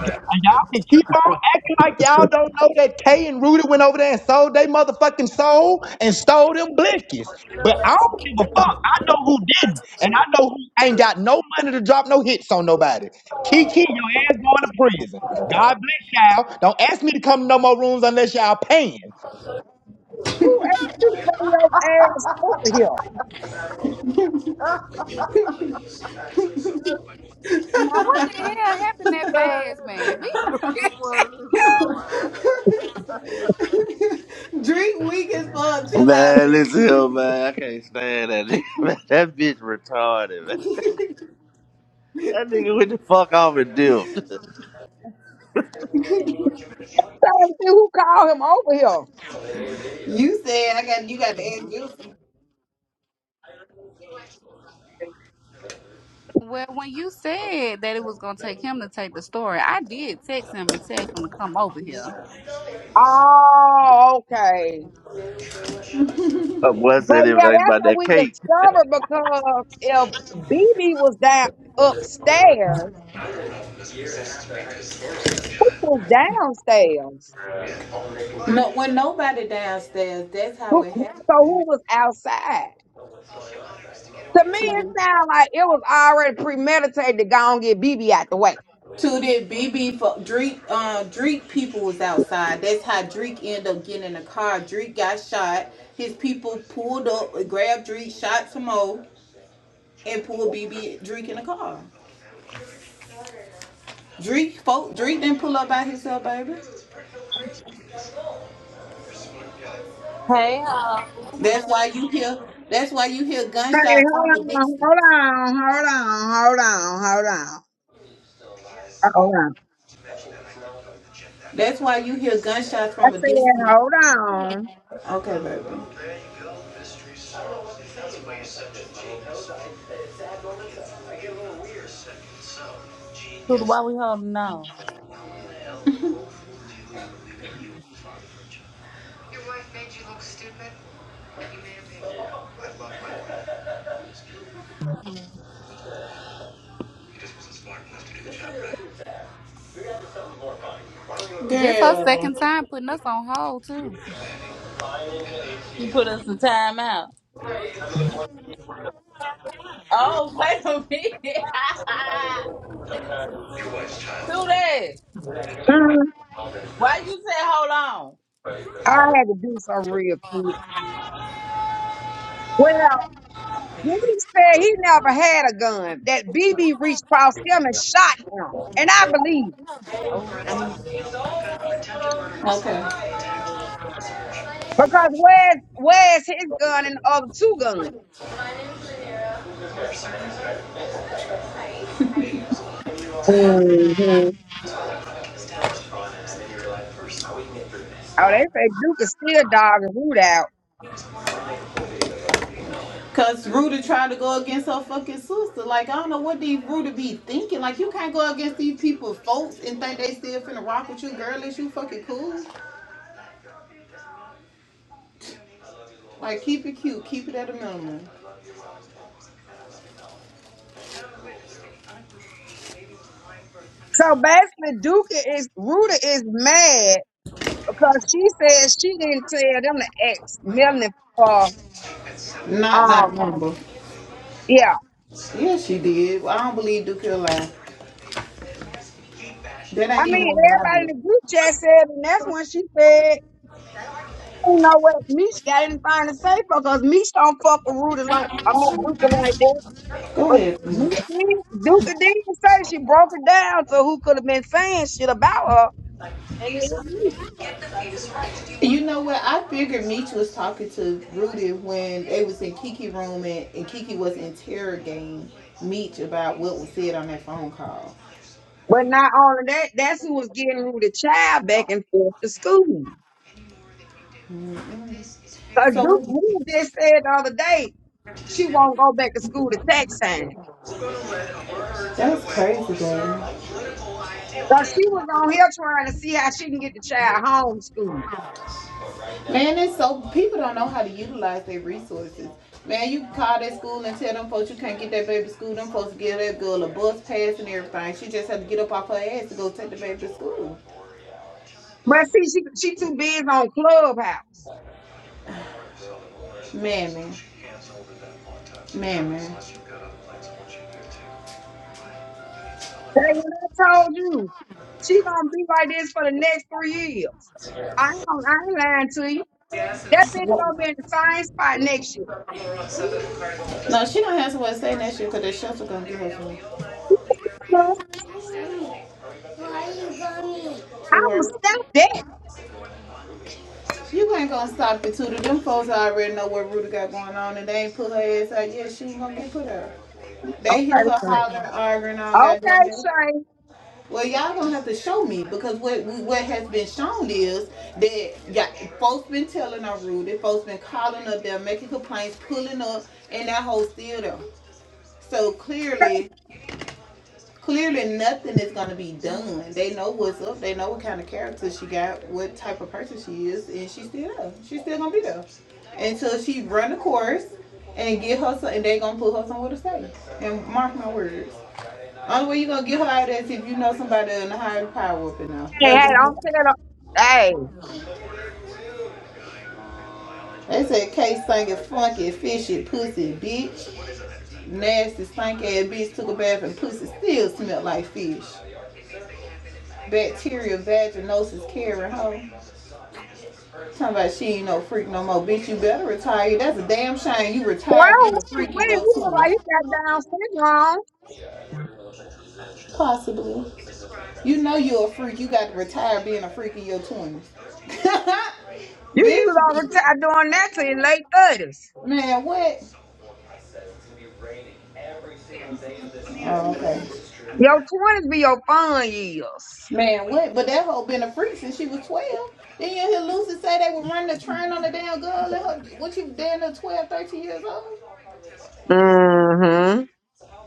G: can keep on acting like y'all don't know that Kay and Rudy went over there and sold they motherfucking soul and stole them blickies. But I don't give a fuck. I know who didn't, and I know who ain't got no money to drop no hits on nobody. Kiki, your ass going to prison. God bless y'all. Don't ask me to come to no more rooms unless y'all paying.
B: who asked you to bring your ass over here?
C: [LAUGHS] That's
A: Now what the hell happened that
C: bad.
A: fast, man? Be.
C: That's [LAUGHS] boy. Listen to him, man.
E: [LAUGHS] Drink weak as fuck.
C: [LAUGHS]
E: Chill out,
C: Man,
E: Drink.
C: listen here, man. I can't stand that nigga. [LAUGHS] Man, that bitch retarded, man. [LAUGHS]
E: [LAUGHS]
C: That nigga went the fuck off and dipped.
B: Trying to who called him over
E: you said I got you got to ask you.
A: Well, when you said that it was gonna take him to take the story, I did text him and tell him to come over
B: here.
A: here.
B: Oh, okay.
C: [LAUGHS] My boy
B: But
C: said
B: yeah,
C: everything
B: that's
C: about
B: what
C: that
B: we
C: cake.
B: discovered because if BB was down upstairs, who was downstairs?
E: No, when nobody downstairs, that's how
B: Who,
E: it
B: who- so
E: happens.
B: who was outside? To me, it sounded like it was already premeditated to go and get BB out the way.
E: to that BB for Drake. uh Drake people was outside. That's how Drake ended up getting in the car. Drake got shot. His people pulled up, grabbed Drake, shot some more, and pulled BB Drake in the car. Drake, folk, Drake didn't pull up by himself, baby.
I: Hey, ho.
E: That's why you hear. That's why you hear
B: Hey,
E: gunshots from
B: hold
E: a
B: on,
E: distance.
B: hold on, hold on, hold on, hold on, Uh, hold on.
E: That's why you hear gunshots
B: I
E: from a
B: said,
E: distance.
B: hold on.
E: Okay, baby. I get a little weird second, so
I: Dude,
E: genius.
I: why we holding on?
E: Who the hell do you believe you were father for a child? Your wife made you look stupid. You may have been. I love my wife. He just wasn't smart enough to do the job right.
A: This her second
E: Girl.
A: time putting us on hold too.
I: You put us in timeout. Oh, [LAUGHS] wait a minute. [LAUGHS]
E: Your wife's child.
I: Today,
B: Mhm.
E: All that not
I: why you
E: be
I: say hold on?
B: I had to do something real quick. Well, He said he never had a gun. That BB reached across him and shot him. And I believe him.
I: Oh, damn.
E: Okay.
B: Because where's where's his gun and the other two guns? hmm
E: So I got my established on and then you realize first how we can get through this.
B: Oh, they say Duke is still dogging Ruta out.
E: Cause Ruta tried to go against her fucking sister. Like I don't know what these Ruta be thinking. Like you can't go against these people, folks, and think they still finna rock with you, girl. Is you fucking cool? Like keep it cute, keep it at a minimum.
B: So basically Duke is Ruta is mad because she says she didn't tell them to ask Melanie for
E: Not
B: um
E: not number.
B: yeah.
E: Yeah, she did. I don't believe Duke lied. That
B: I
E: ain't
B: mean
E: even what I
B: everybody
E: did.
B: in the group chat said and that's when she said don't know what Meech got anything to say because Meech don't fuck with Rudy like all Duke like that.
E: Go
B: But
E: ahead.
B: Meech did, Duke did say she broke it down to who could have been saying shit about her, and it was me.
E: You know what? I figured Meech was talking to Rudy when they was in Kiki's room and, and Kiki was interrogating Meech about what was said on that phone call.
B: But not only that, that's who was getting Rudy child back and forth to school. Cause Duke
E: So
B: Rudy just said the other day she won't go back to school to tax time.
E: that's crazy, man.
B: Cause she was on here trying to see how she can get the child homeschooled.
E: Man, it's so people don't know how to utilize their resources. Man, you call that school and tell them folks you can't get that baby to school. Them folks give that girl a bus pass and everything. She just had to get up off her ass to go take the baby to school.
B: But see, she she too busy on Clubhouse.
E: Mammy. Mammy.
B: Hey, what I told you, she gonna be like this for the next three years. I ain't, gonna- I ain't lying to you. That bitch gonna be in the same spot next year.
E: No, she don't have somewhere to stay next year because the shelter gonna give us one Why you going? to
B: I'ma
E: work.
B: stop that.
E: You ain't gonna stop the tutor. Them folks already know what Rudy got going on and they ain't put her ass out yet. She ain't gonna get put out. They hear
B: Okay,
E: her
B: Shay.
E: hollering, arguing all
B: Okay,
E: goddamn day.
B: Shay.
E: Well, y'all gonna have to show me because what what has been shown is that yeah, folks been telling her Rudy, folks been calling up there, making complaints, pulling up, and that whole still there. So clearly, clearly nothing is gonna be done. They know what's up. They know what kind of character she got, what type of person she is, and she's still there. She's still gonna be there until she run the course and get her. And they gonna put her somewhere to stay. And mark my words. Only way you gonna get her out of that is if you know somebody in the higher power up in there. Uh,
B: Hey, hey, don't tell her. Hey,
E: They said K singing funky, fishy, pussy, bitch. Nasty, stank ass bitch took a bath and pussy still smelled like fish. Bacterial vaginosis carrying hoe. Talking about she ain't no freak no more. Bitch, you better retire. That's a damn shame. You retired being
B: well,
E: a
B: she
E: freak in
B: went.
E: your
B: He look like
E: 20s.
B: he got down syndrome.
E: Possibly. You know you a freak. You got to retire being a freak in your 20s. [LAUGHS]
B: You you gonna
E: bitch,
B: retire doing that to your late thirties.
E: man, what? Oh, okay.
B: Your twenties be your fun years.
E: Man, what? But that hoe been a freak since she was 12. Then you hear Lucy say they were running the train on the damn girl. And her, what you damn near twelve, thirteen years old?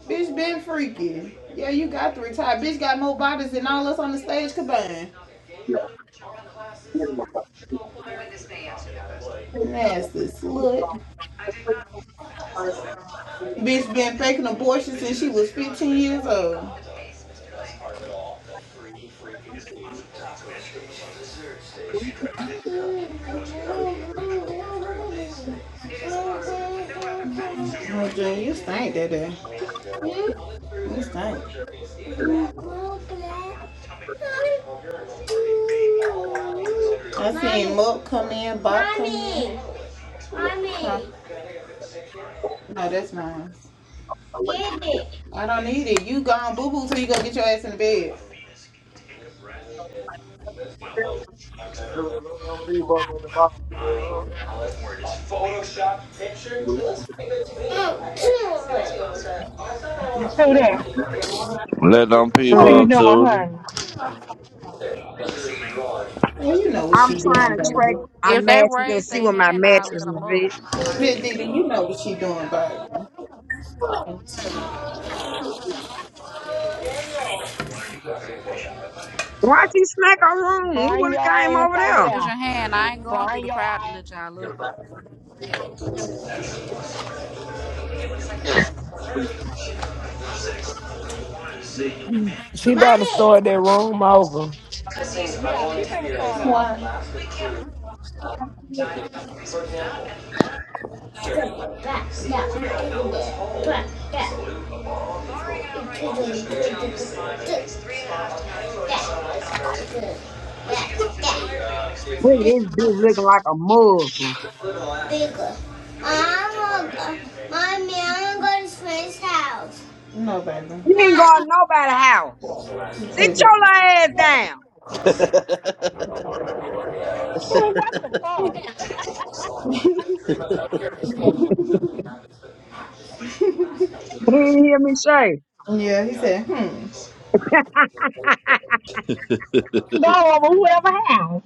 E: Bitch been freaky. Yeah, you got three times. Bitch got more bodies than all us on the stage combined. Nasty slut. Bitch been faking abortions since she was 15 years old. Oh, Junior, you stink that day. What's that? I seen milk come in, box come in. Mommy, No, that's mine. I don't need it. You gone boo boo till you go get your ass in the bed.
C: Shoot, let them people up in the bottom,
E: Photoshop picture.
D: You two there.
C: dog. Let them
D: What
C: people
D: are
B: Mm-hmm.
D: you
C: up,
D: doing,
C: too.
D: honey?
E: Well, you know what
B: I'm
E: she doing,
B: trying to
E: baby.
B: track our
A: If they
B: matches and
A: raise their
B: see what my
A: hand, I'll
B: mattress
A: let
B: is
A: them up.
B: at.
E: Miss Didi, you know what she doing, baby.
B: Why'd you smack our room? We
D: Bring
B: would have
D: your
B: came
D: ass
B: over
D: over
B: there.
A: Raise
D: there.
A: your hand. I ain't going through
D: Bring
A: the
D: your
A: crowd to
D: ass.
A: let y'all up.
J: She about to
E: mommy.
J: start that room over.
E: I
D: Yeah, she finna start it off.
E: Why? Back, step, back, step,
B: Look at this bitch looking like a Muslim.
E: Bigger. I'm gonna Mommy, I'm gonna go to Smith's house. No, baby.
B: You ain't going to
E: Mom.
B: nobody's house. Sit
E: Is it?
B: your little ass down.
C: [LAUGHS]
D: Screw what the fuck?
B: He didn't hear me say.
E: Yeah, he said, hmm.
D: Go over whoever house.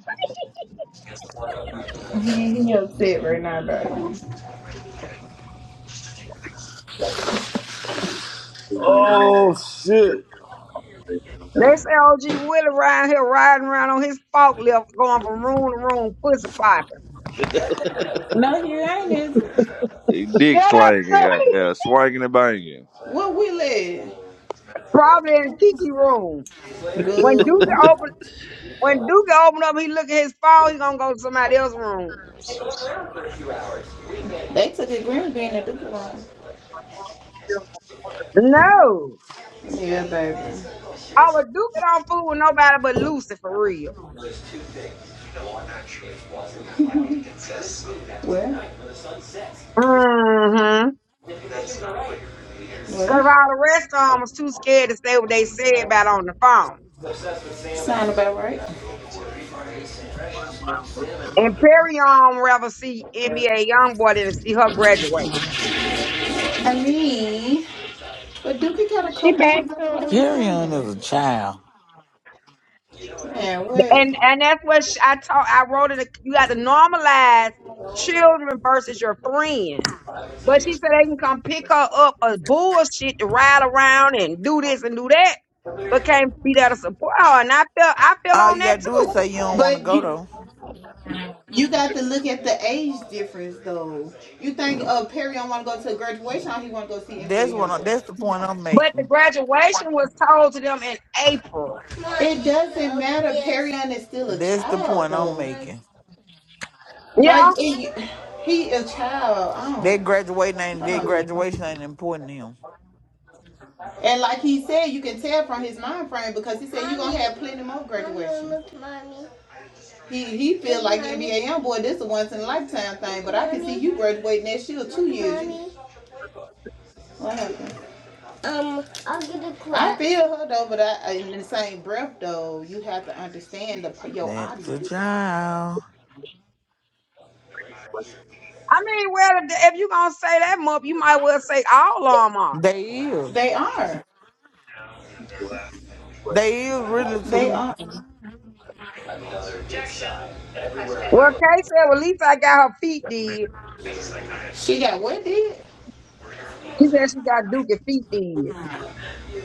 E: He, he upset right now, baby.
C: Oh shit!
B: Let's say OG Willie around here riding around on his forklift going from room to room, pussy popping.
E: No, you ain't. Is
C: They
D: [LAUGHS]
C: dick
D: Shut up,
C: slanging out
D: Tootie. [LAUGHS]
C: there, swanging and banging.
E: What we live?
B: Probably in Kiki room. When Duke
E: Good.
B: open when Duke open up, he look at his phone, he gonna go to somebody else's room.
E: they took the green bean and the it.
B: No.
E: Yeah, baby.
B: I would duke it on food with nobody but Lucy for real.
E: There's two things. [LAUGHS] One actually wasn't what it consists of. [LAUGHS] Well, When the sun sets,
B: Mm-hmm.
E: That's not right. really
B: Cause
E: well,
B: all the rest of them was too scared to say what they said about on the phone.
E: sound about right.
B: And Perry on rather see NBA YoungBoy than to see her graduate.
E: I mean, but Dookie got a
D: She
E: couple more
D: back, Tootie.
E: revelations
K: Perion
E: coming.
K: is a child.
E: Man, wait.
B: And and that's what sh I taught. I wrote it. You got to normalize children versus your friends. But she said they can come pick her up a bullshit to ride around and do this and do that, but can't be there to support her. And I feel I feel
K: All
B: on
K: you
B: that
K: gotta do
B: too.
K: is say you don't want to
E: But
K: go
E: you
K: though.
E: you got to look at the age difference though. You think uh Perion want to go to a graduation? Or he want to go see
K: That's
E: NBA
K: what. I,
E: YoungBoy?
K: that's the point I'm
B: But the
K: making.
B: graduation was told to them in April.
E: It doesn't matter. Perryon is still a
K: That's the
E: child
K: point I'm
E: though.
K: making.
B: Yeah.
E: Like it, he a child. I
K: That
E: don't.
K: graduating ain't
E: Hold
K: that
E: on, Dreamer.
K: graduation ain't important to him.
E: And like he said, you can tell from his mind frame because he said you're gonna have plenty more graduation. Mommy, mommy. He he feel like NBA young boy. This is a once in a lifetime thing, but I can see you graduating next year two years. Mommy. What happened? Um, I will get a clap. I feel her though, but I- in the same breath though, you have to understand the your
K: That's a
E: audience.
K: child.
B: I mean, well, if, if you're going to say that month, you might well say all of them are.
K: They is.
E: They are.
K: They is really
E: They
K: too.
E: are.
B: Well, Kay said, well, at least I got her feet did.
E: She got what did?
B: She said she got Duke and feet did.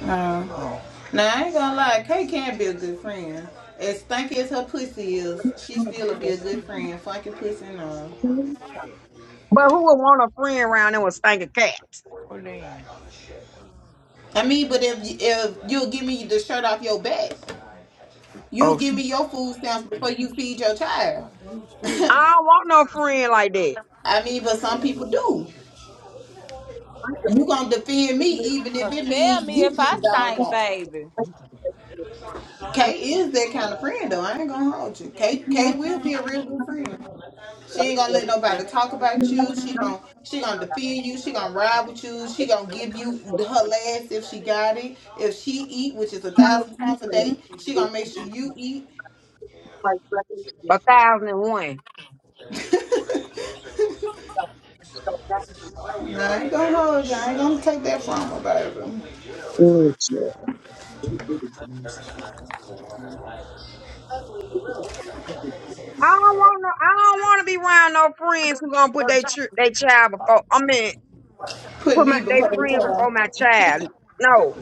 E: Um,
K: Oh,
E: now I ain't gonna lie, Kay can be a good friend. As stinky as her pussy is, she
B: But
E: still will be a good friend. Funky pussy and all.
B: who would want a friend
K: hold
B: around and
K: on.
B: was stinking cats?
K: what then?
E: I mean, but if if you'll give me the shirt off your back, you'll
K: Oh, she.
E: give me your food stamps before you feed your child. [LAUGHS]
B: I
E: I
B: don't want no friend like that.
E: mean, but some people do. You gonna defend me even if
I: Cause
E: it
I: tell
E: means
I: me if
E: you
I: I
E: getting dogged
I: stink,
E: out.
I: baby.
E: Kay is that kind of friend though. I ain't gonna hold you. Kay Kay will be a real good friend. She ain't gonna let nobody talk about you. She gonna she gonna defend you. She gonna ride with you. She gonna give you her last if she got it. If she eat, which is a thousand times a day, she gonna make sure you eat.
B: A thousand and one.
E: [LAUGHS] Nah, I ain't gonna hold you. I ain't gonna take that from her, baby.
B: Mm, yeah. I don't want no. I don't want to be around no friends who gonna put their ch- their child before. I mean,
E: Put
B: put my
E: me
B: their
E: before the
B: friend before
E: child.
B: my child. No,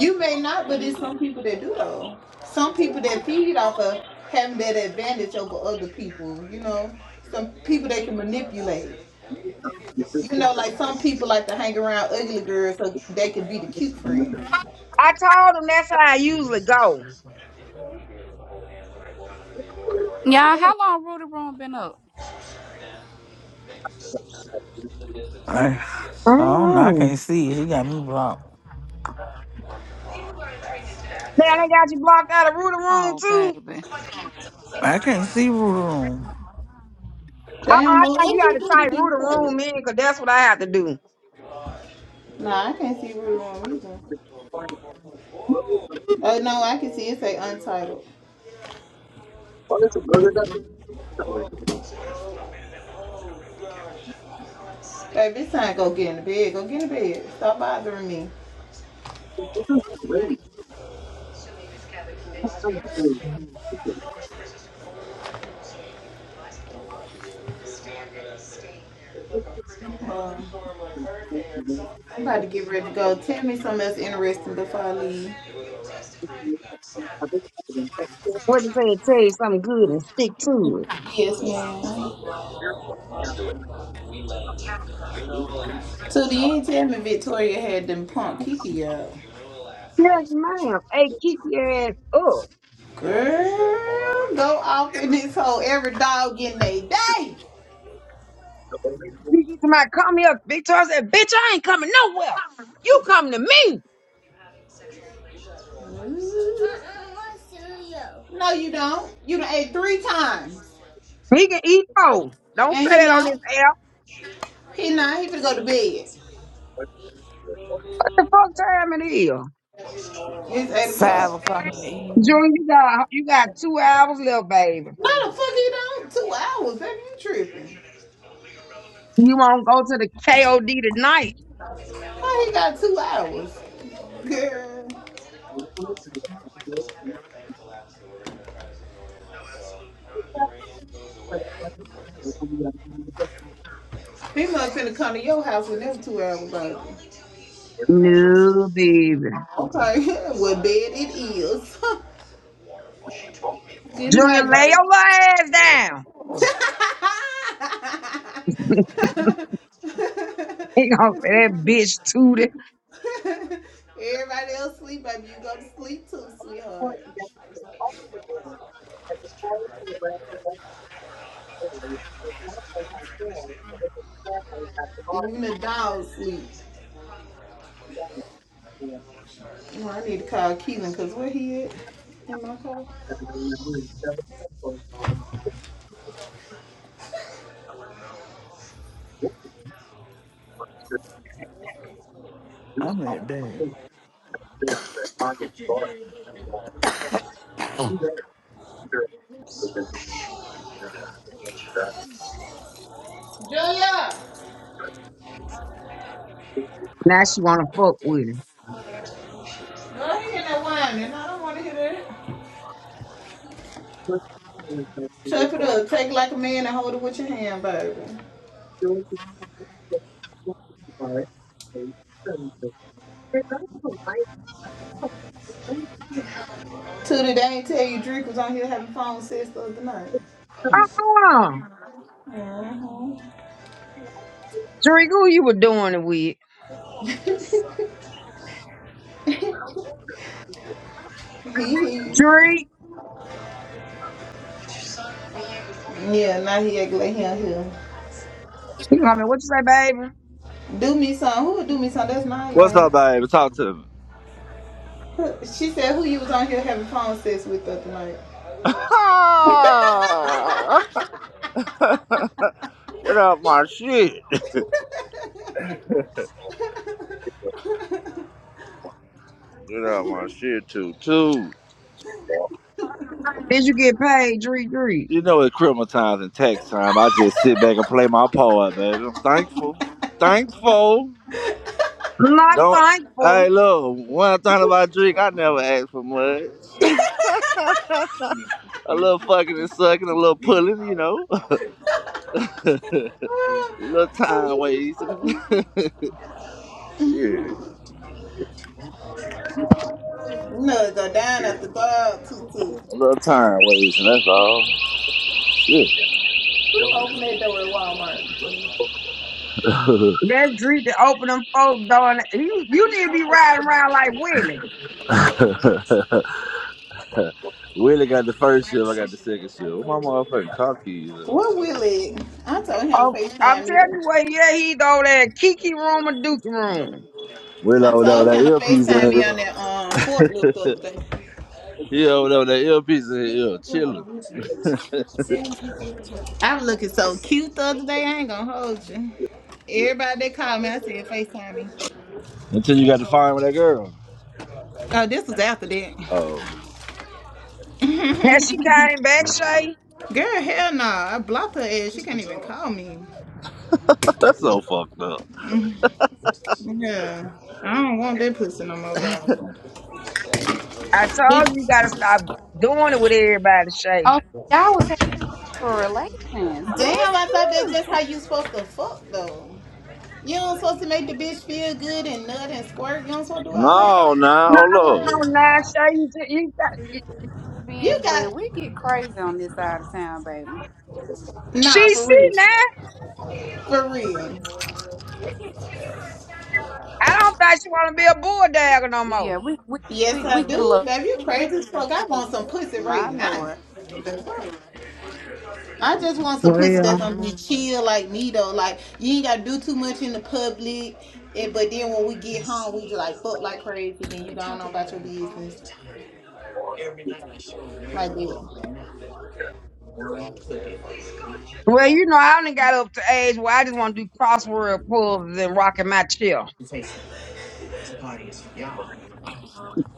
E: You may not, but it's some people that do though. Some people that feed off of having that advantage over other people. You know, some people that can manipulate. You know, like some people like to hang around ugly girls so they can be the cute friends.
B: I told them that's how I usually go.
A: Y'all, how long Rudy Room been up?
K: I, I don't know. I
B: Mm-hmm.
K: can't see. She got me blocked.
B: Now they got you blocked out of Rooter Room
A: Oh,
B: too.
A: baby.
K: I can't see room.
B: Uh-uh,
E: Damn,
B: I
E: Mo,
B: think you
E: what
B: got
E: you
B: to
E: do to
B: type
E: be
B: Rooter
E: so-
B: Room in because that's what I have to do.
E: Nah, I can't see Rudy Room reason. Oh, no, I can see it say untitled. Hey, this time go get in the bed. Go get in the bed. Stop bothering me. Um, I'm about to get ready to go. Tell me something else interesting before I leave.
B: What to say? it Tell you something good and stick to it.
E: Yes, ma'am. So you ain't tell me Victoria had them punk Kiki out.
B: Yes, ma'am. Hey, keep your ass up.
E: Girl, go off in this hole. Every dog getting they day.
B: You get to my come here, Victor. I said, bitch, I ain't coming nowhere. You coming to me.
E: No, you don't. You done ate three times.
B: He can eat four. Don't
E: And
B: say
E: he
B: that on
E: not.
B: this air.
E: He not. He finna go to bed.
B: What the fuck time it is?
E: It's 8
K: five
E: o'clock.
K: o'clock in the evening.
B: Junior, you got you got two hours left, baby.
E: No, the fuck he don't. Two hours. That you tripping.
B: You won't go to the KOD tonight?
E: Oh, he got two hours? Girl. He must finna come to your house when them two hours over.
B: No, baby.
E: Okay. [LAUGHS] well, bed it is. [LAUGHS] Good
B: Junior,
E: night,
B: lay
E: baby.
B: your little ass down. [LAUGHS] He gonna say
E: [LAUGHS] [LAUGHS]
B: that bitch tooted.
E: [LAUGHS] Everybody else sleep, baby. You go to sleep too, sweetheart. Even the dog sleep. Well, I need to call Keelan because where he at? In my car.
K: I'm at there.
E: Julia,
B: Now she wanna fuck with him.
E: go ahead that whine, and I don't want to hear that. Chuck it up. Take it like a man and hold it with your hand, baby. Tootie, they ain't tell you Drake was on here having phone sex the other night.
B: Uh-uh.
E: Mm-hmm.
B: Drake, who you were doing it with?
E: He, he.
B: Drake.
E: Yeah, now he act like he on here.
B: You know what I mean? What you say, baby?
E: Do me some. Who would do me some? That's my
C: What's up,
E: ain't.
C: baby? Talk to me. [LAUGHS]
E: She said who you was on here having phone sex with the other night.
C: Get off my shit.
E: no,
C: Get out my shit too, too.
B: Did you get paid, Drake Drake?
C: You know it's criminal times and tax time. I just sit back and play my part, baby. I'm thankful. Thankful.
B: Not
C: Don't.
B: thankful.
C: Hey, look. One thing about drink. I never ask for much. [LAUGHS] A little fucking and sucking, a little pulling, you know. [LAUGHS] A little time wasting. [LAUGHS] Shit.
E: it go down at the dog toot
C: A little time wasting, that's all. Shit. [LAUGHS]
E: Who opened that door at Walmart?
B: That's Dree to open them folks door. And you, you need to be riding around like Willie.
C: Willie got the first shift, I got the second shift. Where my motherfucking car keys at?
E: What will it? I told him to
B: Oh, I'm
E: FaceTime me.
B: telling
E: though.
B: you what, yeah, he go there, Kiki room or Duke room.
C: Willie
E: I
C: over there with
E: told
C: that
E: him to
C: earpiece in
E: FaceTime
C: his
E: me on
C: ear.
E: that um forklift the other day.
C: He over there with that earpiece in his ear, chilling.
E: I was looking so cute the other day. I ain't gonna hold you. Everybody that called me, I said FaceTime me.
C: Until you got to find with that girl.
E: Oh, this was after that.
C: Oh,
B: And
E: [LAUGHS]
B: she came back, Shay.
E: Girl, hell no. I blocked her ass. She can't even call me.
C: [LAUGHS] that's so fucked up.
E: Yeah. I don't want that pussy no more, bro.
B: I told
E: Bitch.
B: you, you gotta stop doing it with everybody, Shay.
A: Oh, y'all was having relations. Oh,
E: Damn,
A: that's
E: I thought that's
A: good.
E: just how you supposed to fuck though. You don't supposed to make the bitch feel good and nut and squirt. You don't supposed to do all that.
C: No, nah,
B: No,
C: hold up.
B: nah, Shay, you, ju- you, got- you-
E: You
A: Beans, but
E: got
A: we get crazy on this side of town, baby.
B: she
E: nah for
B: see
E: real,
B: now.
E: for real.
B: I don't think she wanna be a bulldog no more.
A: Yeah, we we
E: Yes,
A: we, we
E: I
A: get a
E: do,
A: little.
E: baby. You crazy as fuck. I want some pussy right
A: My
E: now.
A: lord,
E: I just want some pussy that's
B: Well,
E: gonna be chill like me though. Like you ain't gotta do too much in the public. And, but then when we get home, we just like fuck like crazy. Then you going on about your business like that.
B: well, you know, I only got up to age where I just want to do crossword puzzles and rocking my chair.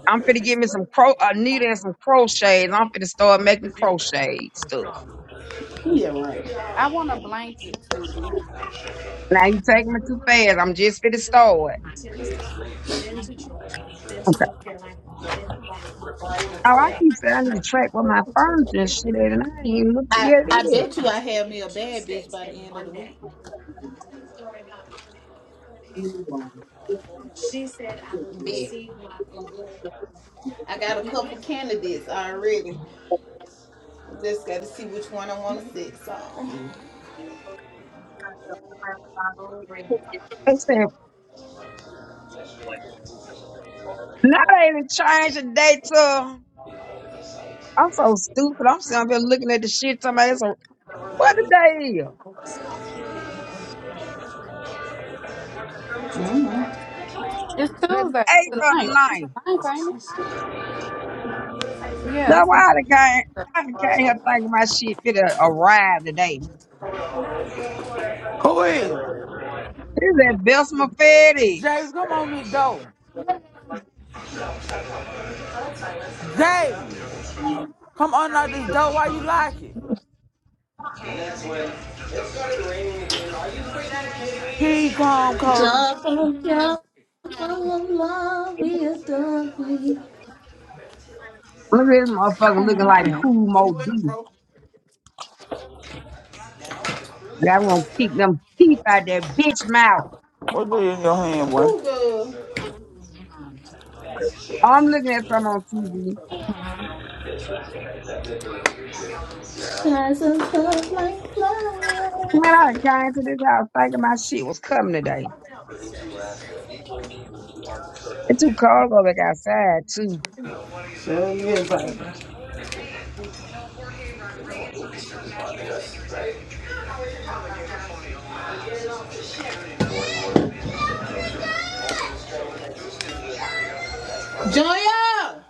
B: I'm finna get me some cro a needle and some crochets. I'm finna start making crochet stuff.
E: Yeah, right.
A: I want a blanket too.
B: Now you taking me too fast. I'm just finna start. Okay. Oh, I keep saying I need to track where my furniture and shit at, and I ain't even looked
E: I,
B: yet
E: I
B: yet.
E: bet you I have me a bad bitch by the end of the week. Bet. I got a couple candidates already. Just got to see which one I want to sit on.
B: I said, now they done changed the date to. I'm so stupid. I'm sitting up here looking at the shit. Somebody, it's what the day is?
E: Mm-hmm.
A: It's
B: The
A: Tuesday. It's
B: eighth
A: the
B: or
A: ninth.
B: the
A: It's the
B: ninth?
A: ninth, ain't it? Yeah,
B: That's
A: it's
B: why
A: the
B: I
A: ninth.
B: done not
A: Tuesday.
B: I done not here thinking my shit finna arrive today.
K: Who is it?
B: This Is that Bessemer Fetty?
K: James? Come on this door. Xavier, come unlock this door while you like it. Here you come, Cody.
E: Joy.
B: Look at this motherfucker looking like
E: Okay.
B: cool Mo D. Like I want to kick them teeth out that bitch mouth.
K: What's in your hand, boy?
E: Ooh, girl.
B: Oh, I'm looking at some on TV.
E: Shines of love like flowers.
B: Man, I done came to this house thinking my shit was coming today. It's too cold to go back outside too.
E: Joya!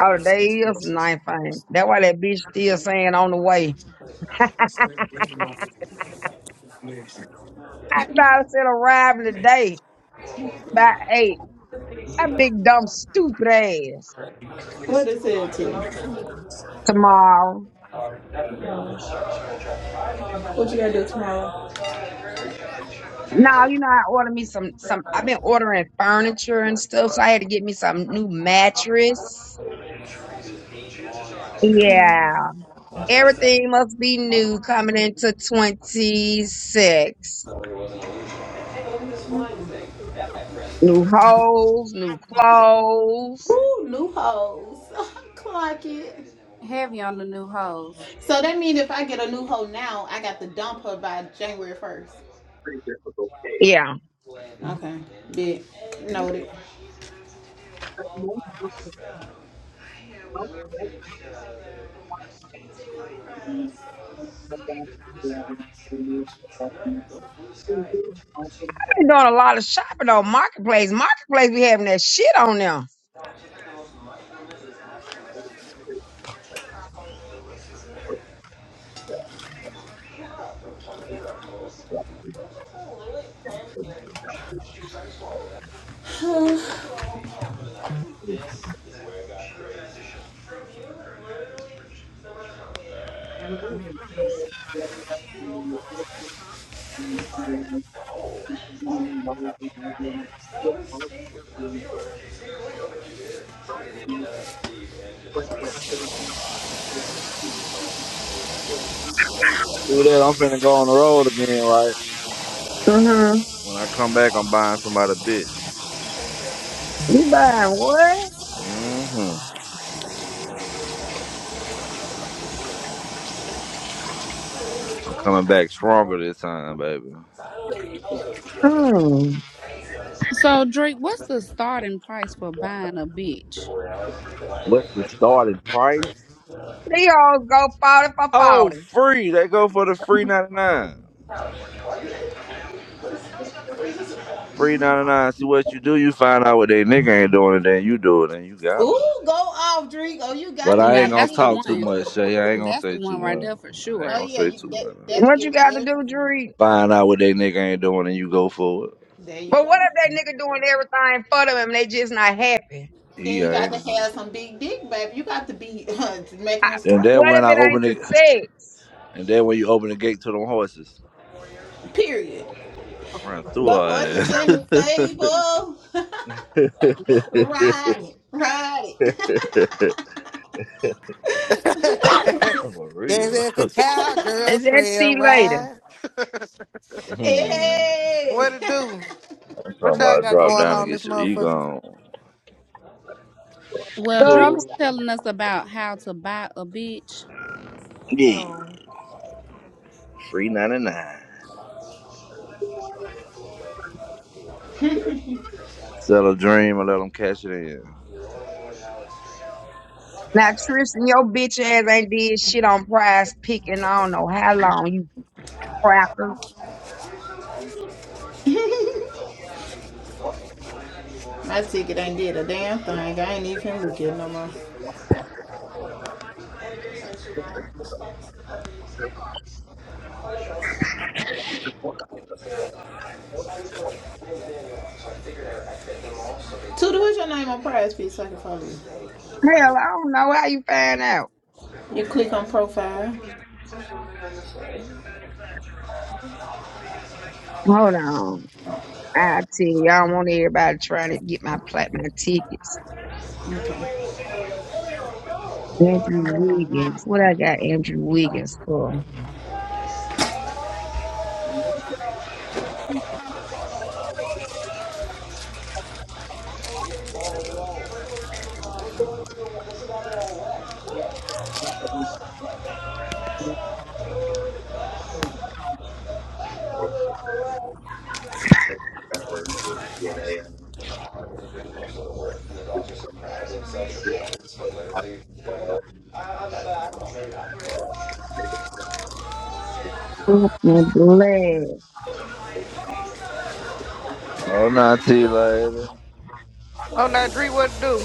B: Oh, the day is the ninth thing. That's why that bitch still saying on the way. I thought I said arriving today by eight. That big dumb stupid ass.
E: What is it to?
B: Tomorrow. No, you know, I ordered me some some I've been ordering furniture and stuff, so I had to get me some new mattress. Yeah. Everything must be new coming into 26. New holes, new clothes.
E: Ooh, new hoes. [LAUGHS] Clock it.
A: Heavy on the new hoes.
E: So that means if I get a new hoe now, I got to dump her by January 1st.
B: Yeah. I've
E: Okay. Did noted.
B: been doing a lot of shopping on Marketplace. Marketplace be having that shit on there.
C: Do that, I'm finna go on the road again, right?
B: Mm-hmm.
C: When I come back, I'm buying somebody a bitch.
B: You buying what?
C: Mm-hmm. I'm coming back stronger this time, baby.
B: Hmm.
A: So Drake, what's the starting price for buying a bitch?
C: What's the starting price?
B: They all go 40 for
C: Oh,
B: 40.
C: free. They go for the free 99. Free 99. See what you do, you find out what they nigga ain't doing, and then you do it, and you got got 'em.
E: Ooh, go off, Drake. Oh, you
C: But
E: got your
C: I ain't
A: Now
E: one
C: gonna
A: that's the
E: then.
C: talk
E: [LAUGHS]
C: too
A: one.
C: much, Shay. I ain't gonna
A: That's the
C: say too
A: one right
C: much.
A: there for
C: I ain't
E: oh
A: sure.
C: gonna
E: yeah,
C: say
E: you
C: too
E: that
C: much. uh.
E: that'll
B: What
E: get
B: you
E: him
B: got to
E: every
B: do,
E: time.
B: Dree?
C: Find out what they nigga ain't doing, and you go for it.
E: There you
B: But what
E: go.
B: if that nigga doing everything for them and they just not happy?
C: He
E: Then you got
C: ain't.
E: to have some big dick, babe. You got to be [LAUGHS] uh, making them
C: And
E: squirt.
C: then
B: What if
C: when
B: it
C: I
B: ain't
C: open
B: the
C: it,
B: sex?
C: and then when you open the gate to them horses,
E: Period.
C: run through
E: The horse
C: her
E: is
C: ass.
E: in the stable. [LAUGHS] ride it, ride
C: [LAUGHS]
L: [LAUGHS]
E: it.
L: this
C: for real.
L: is the cowgirl
B: Is that
L: trail
B: tea later?
L: ride.
E: [LAUGHS]
C: Hmm.
L: What
E: hey.
L: it do?
C: I'm
L: What
C: talking
L: y'all
C: about
L: got
C: drop
L: going
C: down and
L: on this
C: get your ego
L: motherfucker?
C: on.
A: Well,
B: So I'm
A: Drake
B: s-
A: was
C: Cool.
A: telling us about how to buy a bitch.
C: Yeah,
L: Oh,
C: free 99. Sell a dream and let them cash it in.
B: now Tristan, your bitch ass ain't did shit on prize pick and I don't know how long you cracker.
E: [LAUGHS] My ticket ain't did a damn thing. I ain't even looking no more. Tuda, what's your name on prize piece so I can follow you?
B: Hell, I don't know how you find out.
E: You click on profile.
B: Hold on. I tell you, I don't want everybody trying to get my plat my tickets. Andrew Wiggins. What I got Andrew Wiggins for? I'm glad.
C: Oh, not too later.
L: oh now Dree, what it do?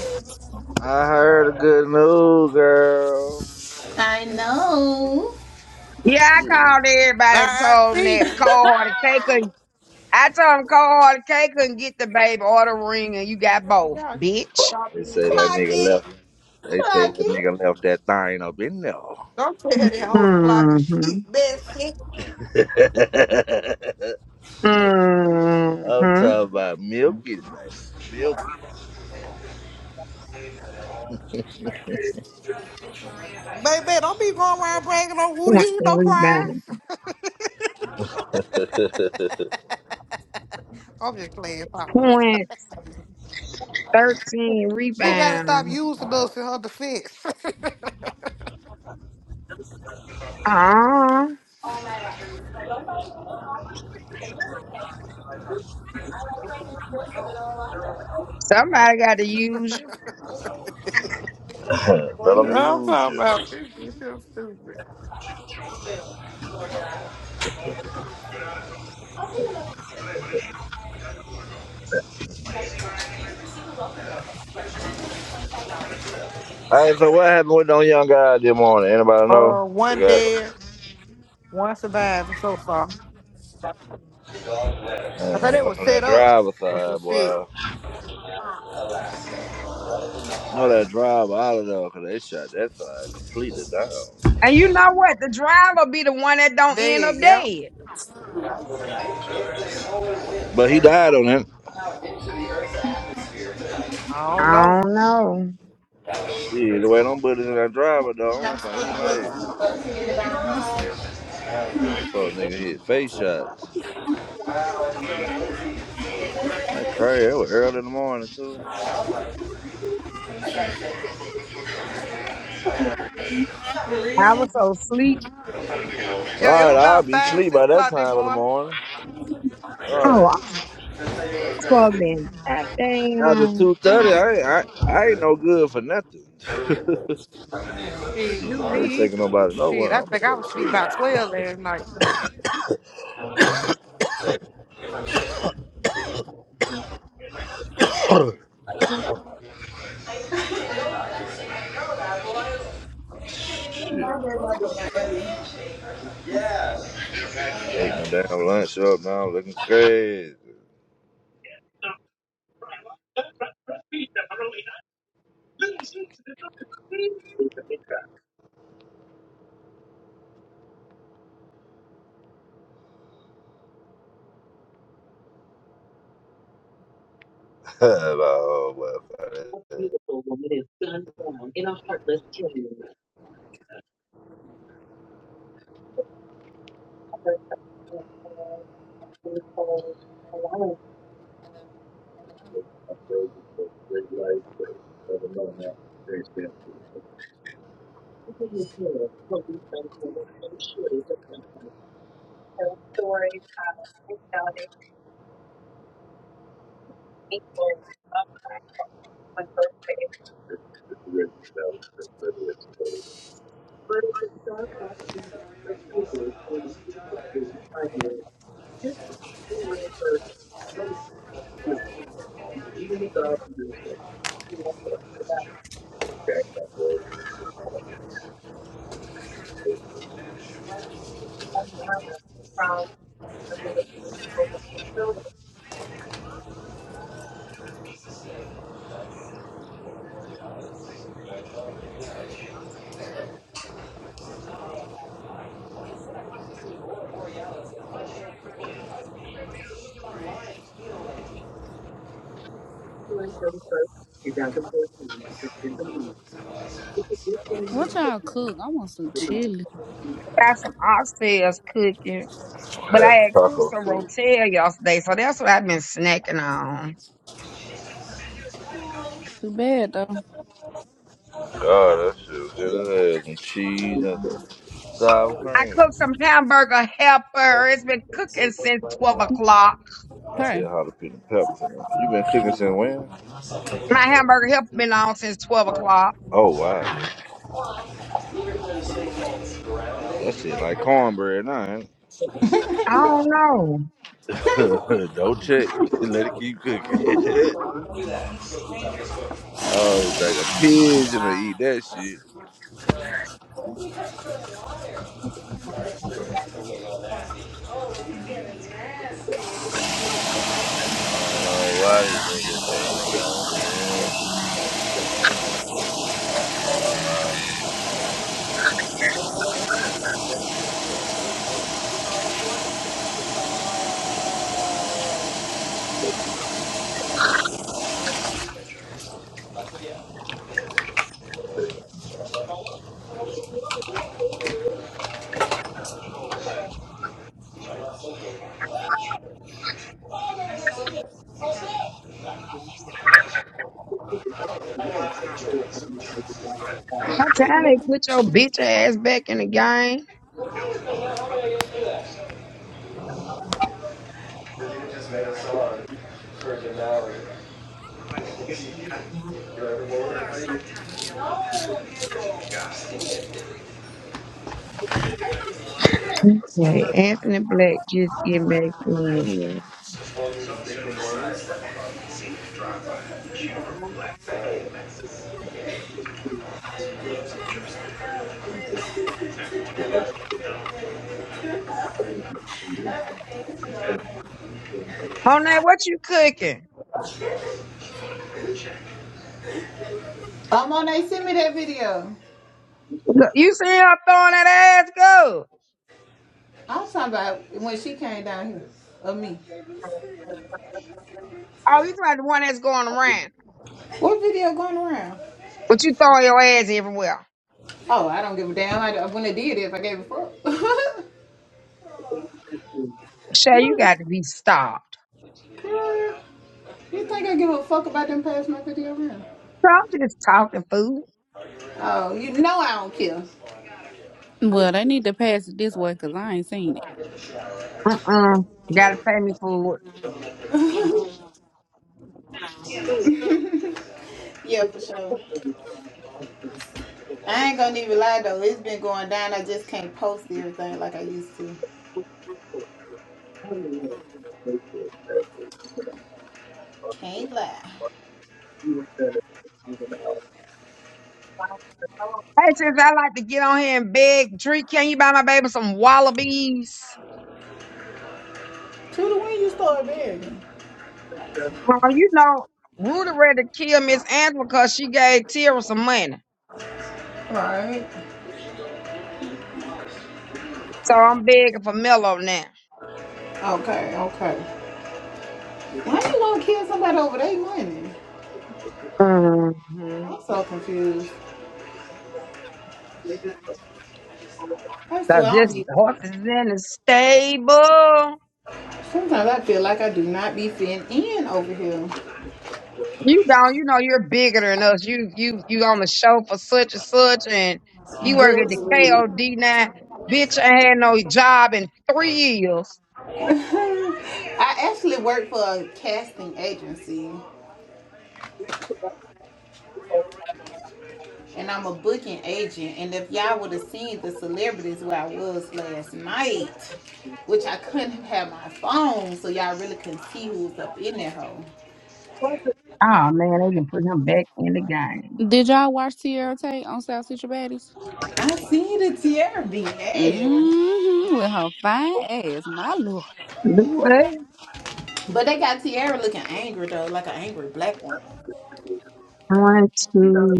C: I heard a good news, girl.
E: I know.
B: Yeah, I
C: Yeah.
B: called everybody and
L: I, I
B: told them
L: see.
B: that
E: [LAUGHS]
B: cold hearted K couldn't. I told him cold hearted K couldn't get the baby or the ring, and you got
L: Oh,
B: both,
L: God, you need to
B: bitch.
L: stop
C: They
L: being
C: say that
L: messy.
C: nigga
E: Clocky.
C: left. They say that
E: Clocky.
C: nigga left that thing up in there.
L: Don't tell that hoe to clock and
B: Mm-hmm.
L: shit, messy.
C: [LAUGHS] I'm
B: Mm-hmm.
C: talking about milkies, baby. Milkies.
L: Baby, don't be going around bragging on
B: Point
L: who he
B: Points
L: ain't no
B: and
L: prize.
B: rebound.
L: [LAUGHS] I'm just playing Papa Man.
B: Point thirteen
L: She gotta stop
B: rebound.
L: using us in her defense. [LAUGHS]
B: Uh, somebody got to use you.
C: [LAUGHS] let them
L: I'm
C: use
L: talking
C: you.
L: about this bitch is stupid.
C: Hey, so what happened with them young guys this morning? Anybody know?
L: Uh,
C: They
L: one
C: got
L: dead, one surviving so far. I
C: uh,
L: thought they
C: well,
L: was
C: from
L: set
C: that
L: up
C: driver's
L: or some
C: side,
L: shit.
C: boy. No, that driver out of there because they shot that side completely down.
B: And you know what? The driver be the one that don't end
L: Dead,
B: up
L: yeah.
B: dead.
C: But he died on that.
L: I don't
B: I
L: know.
B: don't know.
C: Shit, the way them bullets in that driver though, I don't think he made it. Them fuck nigga hit face shots. That crazy. It was early in the morning too.
B: I was so sleep.
L: Yeah, it
C: Right, right,
L: was
C: I'll
L: about
C: be
L: five,
C: asleep
L: six
C: by that
L: o'clock this
C: time of the
L: morning.
C: morning.
B: Oh,
C: Right
B: I'm so fucked in. God
C: After two thirty, I ain't I, I ain't no good for nothing. [LAUGHS] Shit,
L: Shit, you
C: I ain't
L: me
C: taking
L: either.
C: nobody
L: Shit,
C: nowhere.
L: I
C: I'm
L: think
C: gonna
L: I
C: go to
L: was sleep
C: sleep.
L: by twelve last night.
C: [COUGHS] Shit. Ate my damn lunch up now, looking crazy. [LAUGHS] About, oh, well,
A: What y'all cook? I want some chili.
B: got some oxtails cooking,
C: I
B: but I had
C: had
B: cooked
C: taco
B: some
C: soup.
B: rotel yesterday, so that's what I've been snacking on.
A: Too bad though.
C: God, that shit was good. It had some cheese and some sour
B: I
C: cream.
B: cooked some hamburger helper. It's been cooking since 12 o'clock.
C: I put
A: Okay.
C: jalapeno peppers in it. You been cooking since when?
B: My hamburger help been on since twelve o'clock.
C: Oh wow, that shit like cornbread, nah. ain't
B: I don't know.
C: [LAUGHS] Don't check. [LAUGHS] Let it keep cooking. [LAUGHS] oh, it's like a pigeon to eat that shit. I don't know why these niggas hating on me. Oh, wow.
B: That time they put your bitch ass back in the game. Okay, Anthony Black just get back in. Monet, what you cooking?
E: Oh, Monet, send me that video.
B: You see her throwing that ass go.
E: I was talking about when she came down here. Of me.
B: Oh, you talking about the one that's going around.
E: What video going around?
B: But you throw your ass everywhere.
E: Oh, I don't give a damn. I, when I did it, if I gave a fuck.
B: Shay, you got to be stopped.
E: [LAUGHS] Girl, you think I give a fuck about them past my video around?
B: So I'm just talking fool.
E: Oh, you know I don't care.
A: Well, they need to pass it this way because I ain't seen
B: Uh-uh. You gotta pay me for it.
E: Yeah, for sure. I ain't gonna even lie though. It's been going down. I just can't post everything like I used to. Can't lie.
B: Hey, since I like to get on here and beg, drink, can you buy my baby some wallabies?
E: Tudor, when you start begging?
B: Well, you know, Rudy ready to kill Miss Angela because she gave Tira some money.
E: Right.
B: So I'm begging for Mello now.
E: Okay, okay. Why you want to kill somebody over their money?
B: Mm-hmm.
E: I'm so confused. That's
B: So
E: what I don't
B: this
E: be.
B: horse is in the stable.
E: Sometimes I feel like I do not be fitting in over here.
B: You don't. You know you're bigger than us. You you you on the show for such and such, and you work at the
E: Good.
B: KOD now. Bitch, I had no job in three years.
E: [LAUGHS] I actually work for a casting agency and I'm a booking agent. And if y'all would have seen the celebrities where I was last night, which I couldn't have my phone, so y'all really couldn't see who was up in that hole.
B: Oh man, they can put him back in the game.
A: it. Did y'all watch Tierra Tate on South Central Baddies?
E: I see the Tierra BL.
A: Mm-hmm. With her fine ass, my lord.
B: Do what?
E: But they got Tierra looking angry though, like an angry black one.
B: One, two.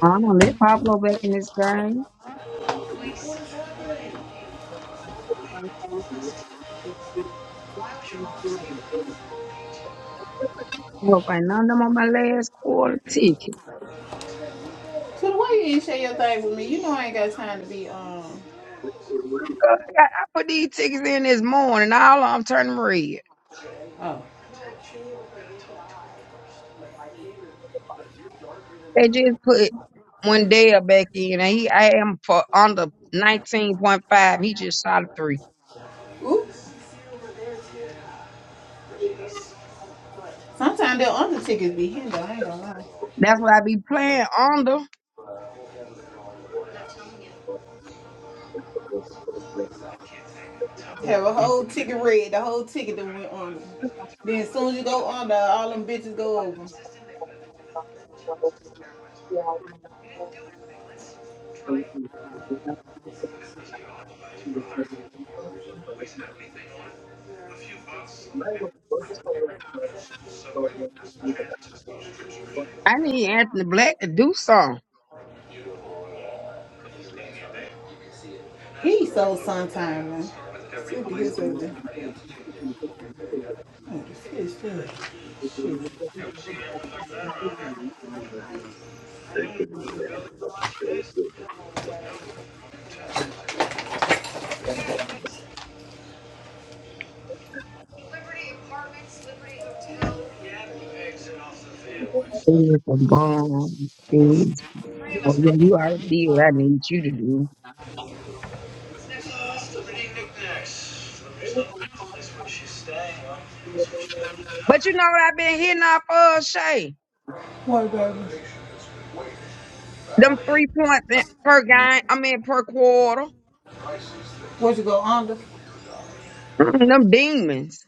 B: I don't let Pablo back in this game. I hope I none of them on my last quarter ticket.
E: So the way you didn't share your thing with me, you know I ain't got time to be um
B: I, got, I put these tickets in this morning. All of them turning red.
E: oh.
B: They just put one day up back in, and he I am for under nineteen point five. He just shot a three.
E: Oops. Sometimes their other tickets be hidden though, I ain't gonna lie.
B: That's what I be playing under.
E: Have a whole ticket red, the whole ticket that went under. Then as soon as you go under, all them bitches go over.
B: I need Anthony Black to do something.
E: He so sometime man. Sick of his ugly.
B: There's a bomb. There's- Oh yeah, you already did what I need you to do.
E: That's uh, the pretty knickknacks. The reason I'm calling this where she's staying, huh? So she got it up.
B: But you know what I've been hitting off of Shay.
E: What, baby?
B: Them three points in- per game. I mean per quarter.
E: What you go under?
B: Mm, Them demons.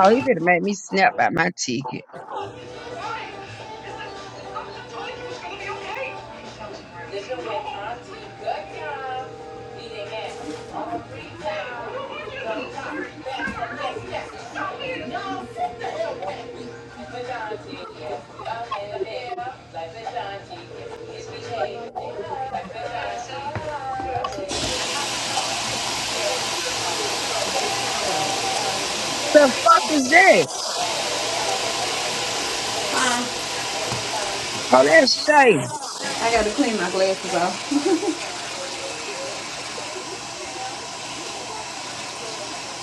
B: Oh, he better make me snap out my ticket. The fuck is that? Oh, that's Shay.
E: I gotta clean my glasses off. [LAUGHS]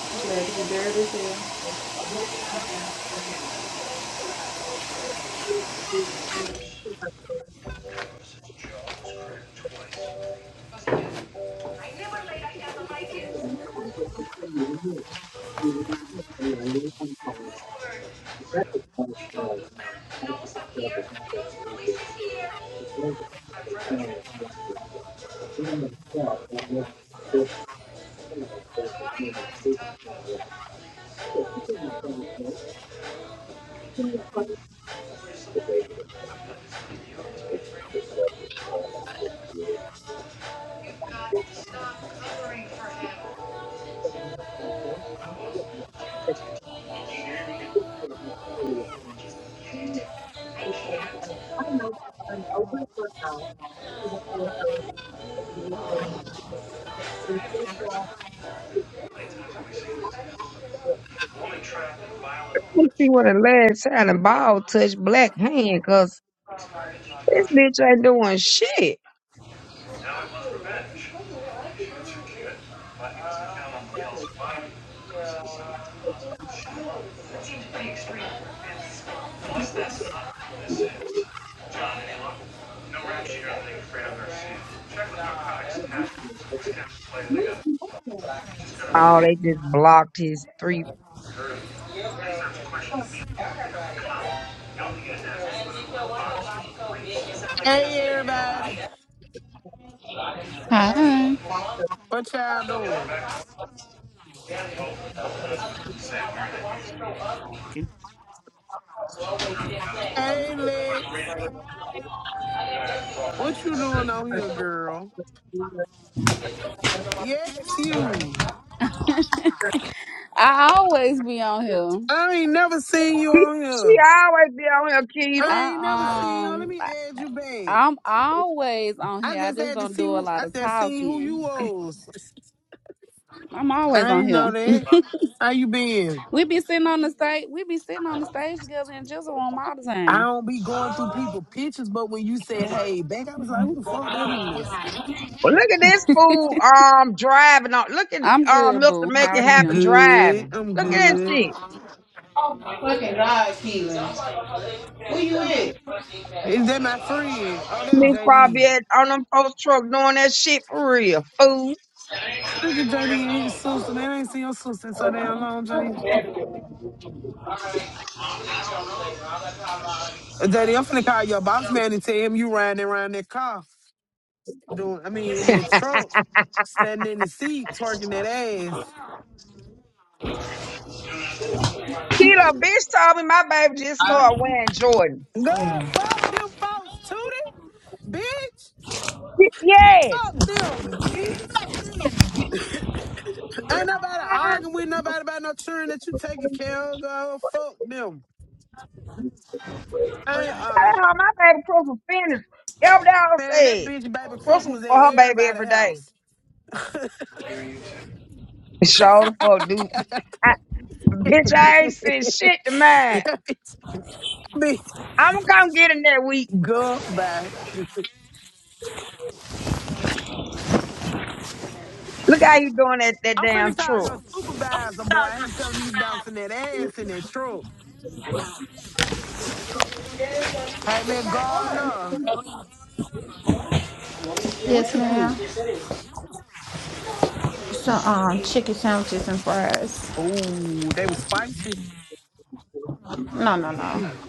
E: I'm Glad to be dirty as hell. You talk to Sam, he knows I'm here, he knows the police is here. I'm Fred. So why do you want us to talk to him? You've got to stop covering for him. How Many times have we seen this? Woman trapped in violent
B: Let me see
E: religion.
B: what the last time the ball touched black hand, cause this bitch ain't doing shit.
E: Now it was revenge. She shoots her kid, but he was not count on the help. That seems pretty extreme. It's, plus, that's not what this is. John, any luck? No rap sheet or anything afraid of Garcia. Check with narcotics task. Scan play they got. Just gotta
B: Oh, they just blocked his three.
E: heard of research questions. Meet the You don't get an answer with a box. Sounds like they know
M: Hey
E: something they don't
M: everybody,
E: know.
A: Hi.
M: what y'all doing?
A: Okay.
M: Hey Lex, what you doing on here, girl? Yes, you.
A: [LAUGHS] I always be on here.
M: I ain't never seen you
B: He,
M: on
B: she
M: here.
B: always be on here, Keto.
M: I ain't never seen
A: I
M: you. Let
A: um
M: me
A: I-
M: add you back.
A: I'm always on
M: I
A: here. I
M: just
A: just
M: had to
A: don't
M: see
A: do a
M: who.
A: lot
M: I
A: of
M: just seen who you
A: talking.
M: was.
A: I'm always
M: I
A: on
M: ain't
A: here.
M: know that. How you been?
A: We be sitting on the stage. We be sitting on the stage together in Jizzle room all the
M: I
A: time.
M: don't be going through people pictures, but when you said "Hey, back," I was like, "Who the fuck that is?"
B: Well, look at this
A: [LAUGHS]
B: fool um driving on. Look at
A: I'm
B: um
A: good,
B: Milton
A: boo.
B: make
A: How
B: it
A: are
M: I'm
B: happen
A: you?
M: good.
B: driving.
M: I'm
B: Look at that
M: good.
B: shit.
E: Fucking God, Keelan. Who you is?
M: Is that my friend? Oh, that's
B: Bitch
M: JD.
B: probably at, on them post truck doing that shit for real, fool.
M: Look at JD and his sister, man. I ain't seen your sister in so damn long, JD. Uh, JD, I'm finna call your boss man and tell him you riding around that car, doing, I mean, in that truck, standing in the seat, twerking that ass.
B: Keto, bitch told me my baby just started wearing Jordan.
M: Girl, fuck them folks, Tootie, bitch.
B: Yes.
M: Fuck them, bitch. Ain't nobody
B: [LAUGHS]
M: arguing with nobody about no children that you taking care of, girl. Fuck them. I Ain't arguing.
B: Ah, my baby proof of finish. Elf dog
M: Man, that
B: said.
M: bitch baby
B: Pussy
M: Christmas
B: for
M: at
B: her baby
M: everybody's
B: every day.
M: house.
B: [LAUGHS] Show the fuck, dude. I, bitch, I ain't said shit to
M: [LAUGHS]
B: mine.
M: [LAUGHS] Bitch.
B: I'm gonna come get him that week.
M: Goodbye.
B: Look how you doing that, that
M: I'm finna
B: damn
M: call
B: truck.
M: your supervisor, boy. I ain't telling me you bouncing that ass in that truck. Hey, man, Gardner, what
E: Yes,
M: you
E: ma'am.
M: cook?
E: Some um chicken sandwiches and fries.
M: Oh, they was spicy. Man,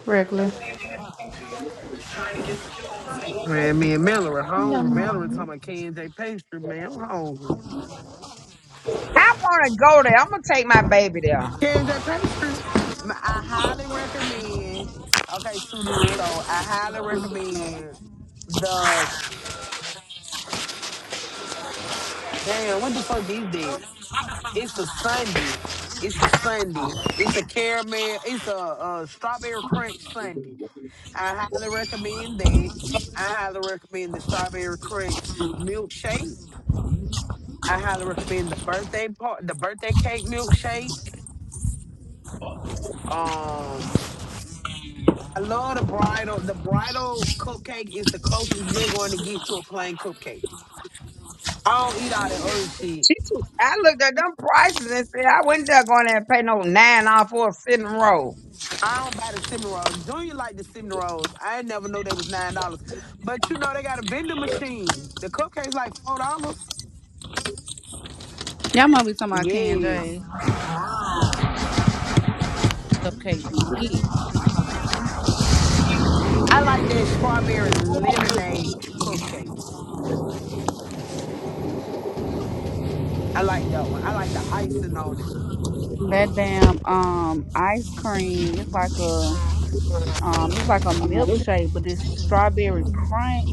M: man, me and Miller are hungry. Miller talking about K&J pastry, man. I'm hungry.
B: I wanna go there. I'm gonna take my baby there.
M: K&J pastry, m- i am hungry k and j pastry My- I highly recommend. Okay, to this. So I highly recommend the damn. What the fuck is that? It's a Sunday. It's a Sunday. It's a caramel. It's a, uh strawberry crunch Sunday. I highly recommend that. I highly recommend the strawberry crunch milkshake. I highly recommend the birthday part, the birthday cake milkshake. Um, I love the bridal. The bridal cupcake is the closest you're going to get to a plain cupcake. I don't eat all that other shit.
B: She too. I looked at them prices and said I went there going there and pay no nine dollars for a sitting row.
M: I don't buy the cinnamon Don't like the cinnamon rolls. I ain't never know they was nine dollars. But you know they got a vending machine. The cupcakes like four dollars.
A: Y'all must be talking about Ken
M: Yes.
A: J's. Up KBE.
M: I like that strawberry lemonade cupcake. I like that one. I like the icing on it.
A: that damn um ice cream. It's like a um it's like a
E: Oh,
A: milkshake, but it's strawberry crunch.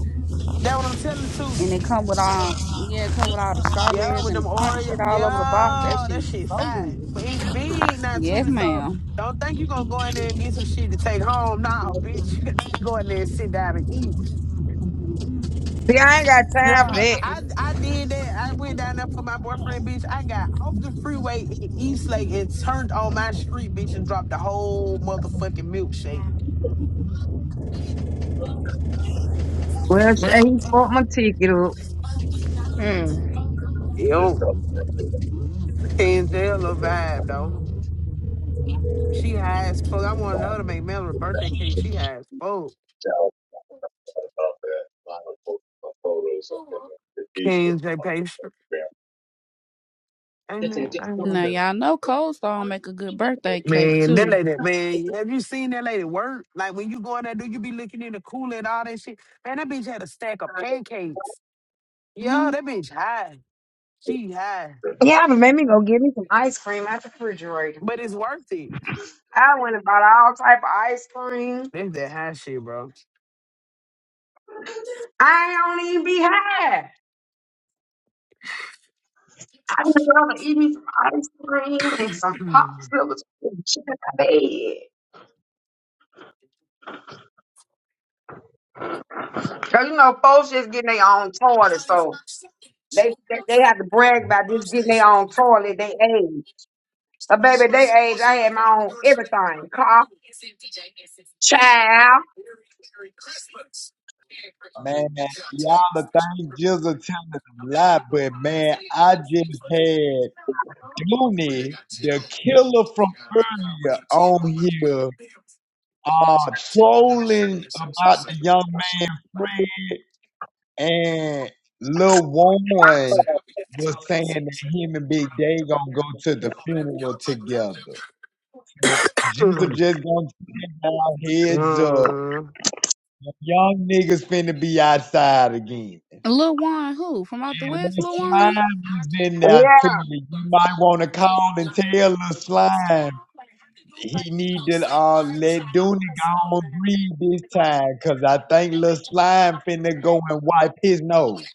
M: That what I'm telling
A: and
M: Tootie.
A: it come with all yeah, it come with all the
M: Yeah,
A: strawberries
M: with
A: and
M: them
A: the crunch
M: Oreo.
A: shit all over the box. That
M: Yeah, that
A: shit
M: shit
A: so
M: fine.
A: good.
M: But it's big now,
A: Yes,
M: Tootie, so
A: ma'am.
M: don't think you gonna go in there and get some shit to take home. Nah, bitch, [LAUGHS] you got to go in there and sit down and eat.
B: See, I ain't got time for
M: Yeah,
B: that.
M: I I did that. I went down there for my boyfriend, bitch. I got off the freeway in East Lake and turned on my street, bitch, and dropped the whole motherfucking milkshake.
B: Well, Shay bought my ticket up.
M: Yo, Angela vibe though. She high as fuck. I want her to make Mel a birthday cake. She high as fuck. King J pastry. Amen.
A: Now
M: Amen.
A: y'all know Cold Stone make a good birthday cake
M: Man, that
A: too.
M: lady, man, have you seen that lady work? Like when you go in there, do you be looking in the cooler and all that shit? Man, that bitch had a stack of pancakes. Yeah,
A: Mm-hmm.
M: that bitch high. She high.
B: Yeah, but made me go get me some ice cream at the refrigerator.
M: But it's worth it.
B: I went and bought all type of ice cream.
M: That's that high shit, bro.
B: I don't even be high. I would rather eat me some ice cream and some popsicles
M: [CLEARS THROAT]
B: and shit in my bed. Cause you know, folks just getting their own toilet, so they, they they have to brag about just getting their own toilet. They age, but baby, they age. I had my own everything, car, child,
G: Man, y'all the thing just are telling a lie, but man, I just had Dooney, the killer from earlier, on here. uh, trolling about the young man Fred and Lil Warren was saying that him and Big Day gonna go to the funeral together. So Jews are just gonna take our
M: Uh,
G: heads up. The Young niggas finna be outside again. And
A: Lil Juan, who from out the
G: Lil
A: west? Lil Juan.
G: Slime was in there too.
B: yeah.
G: You might wanna call and tell Lil Slime He need to uh, let Dooney go on breathe this time, cause I think Lil Slime finna go and wipe his nose.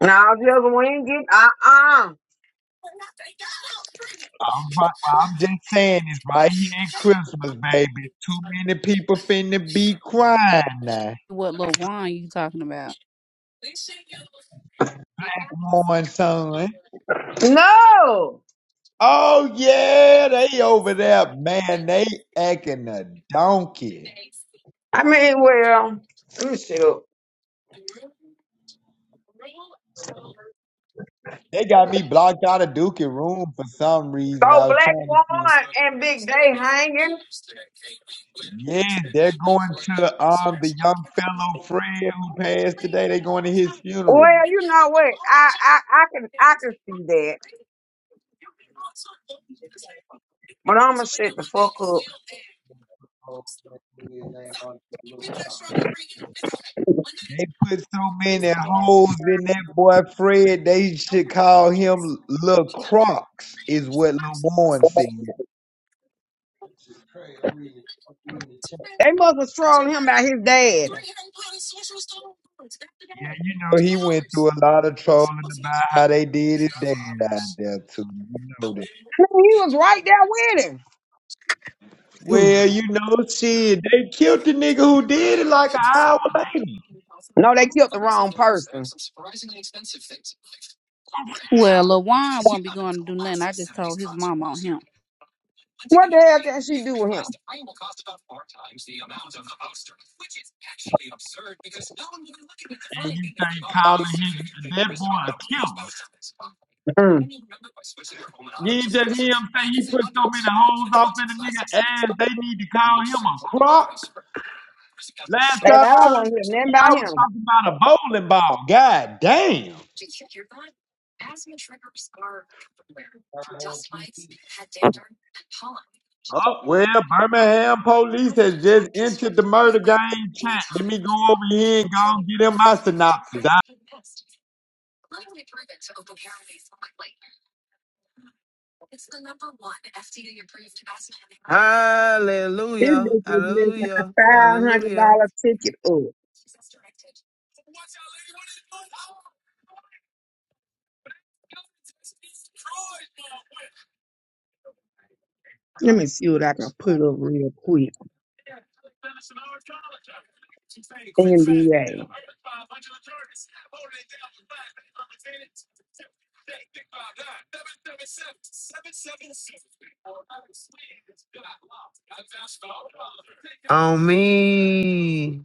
B: And I just went and get uh uh
G: I'm, right, I'm just saying this right here at Christmas, baby. Too many people finna be crying now.
A: What Lil Juan you talking about?
G: One son.
B: No.
G: Oh yeah, they over there, man. They acting a donkey.
B: I mean, well, let me see. So
G: They got me blocked out of Dookie room for some reason. I was
B: Black
G: trying to see.
B: Woman and Big Day hanging.
G: Yeah, they're going to um the young fellow Fred who passed today. They're going to his funeral.
B: Well, you know what? I I, I can I can see that. But I'ma shut the fuck up.
G: They put so many holes in that boy Fred. They should call him Lil Crocs, is what Lil Warren said.
B: They must have thrown him by his dad.
G: Yeah, you know he went through a lot of trolling about how they did his dad out there too. You know
B: He was right there with him.
G: Well, you know, shit, they killed the nigga who did it like an hour later.
B: No, they killed the wrong person.
A: Well, Lil Juan won't be going to do nothing. I just told his mom on him.
B: What the hell can she do with him?
G: And you think calling him that boy a killer?
B: Mm.
G: You ain't just hear him say he put so many holes off in the nigga ass, they need to call him a crock. Last
B: And
G: time
B: I
G: I
B: don't
G: heard
B: want to hear
G: that,
B: nothing
G: shit, I
B: about
G: was
B: him.
G: talking about a bowling ball. God damn. Oh, well, Birmingham police has just entered the murder game chat. Let me go over here and go and get him my synopsis.
B: This
M: hallelujah.
B: bitch is missing a
M: Hallelujah.
B: five hundred
M: Hallelujah.
B: dollar ticket up. Let me see what I can put up real quick. NBA.
M: On me.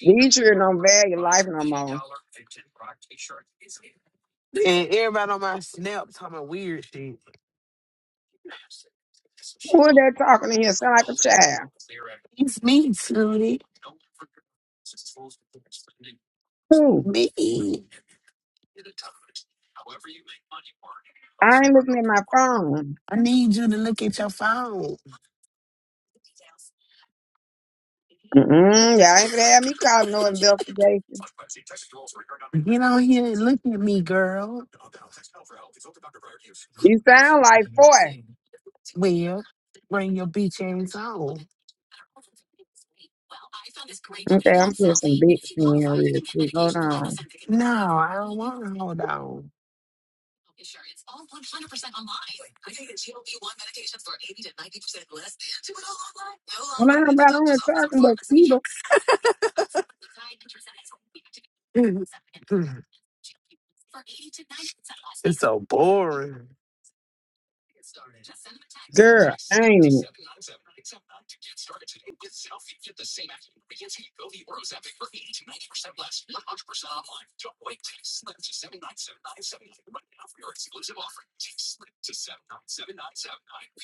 B: These children don't value life no more.
M: And everybody on my snap talking about weird shit.
B: Who is that talking to here? Sound like a child.
M: It's me, Tootie.
B: Who?
M: Me.
B: I ain't looking at my phone.
M: I need you to look at your phone.
B: Mm-mm, y'all ain't gonna have me calling no investigation.
M: Get on here and look at me, girl.
B: You sound like four.
M: Well, bring your beach ass on.
B: Okay, I'm putting some bits in here real quick. Hold on.
M: No, I don't want to hold on.
B: Well, I ain't about on here talking but Keto.
M: [LAUGHS] it's so boring.
B: Girl, ain't it?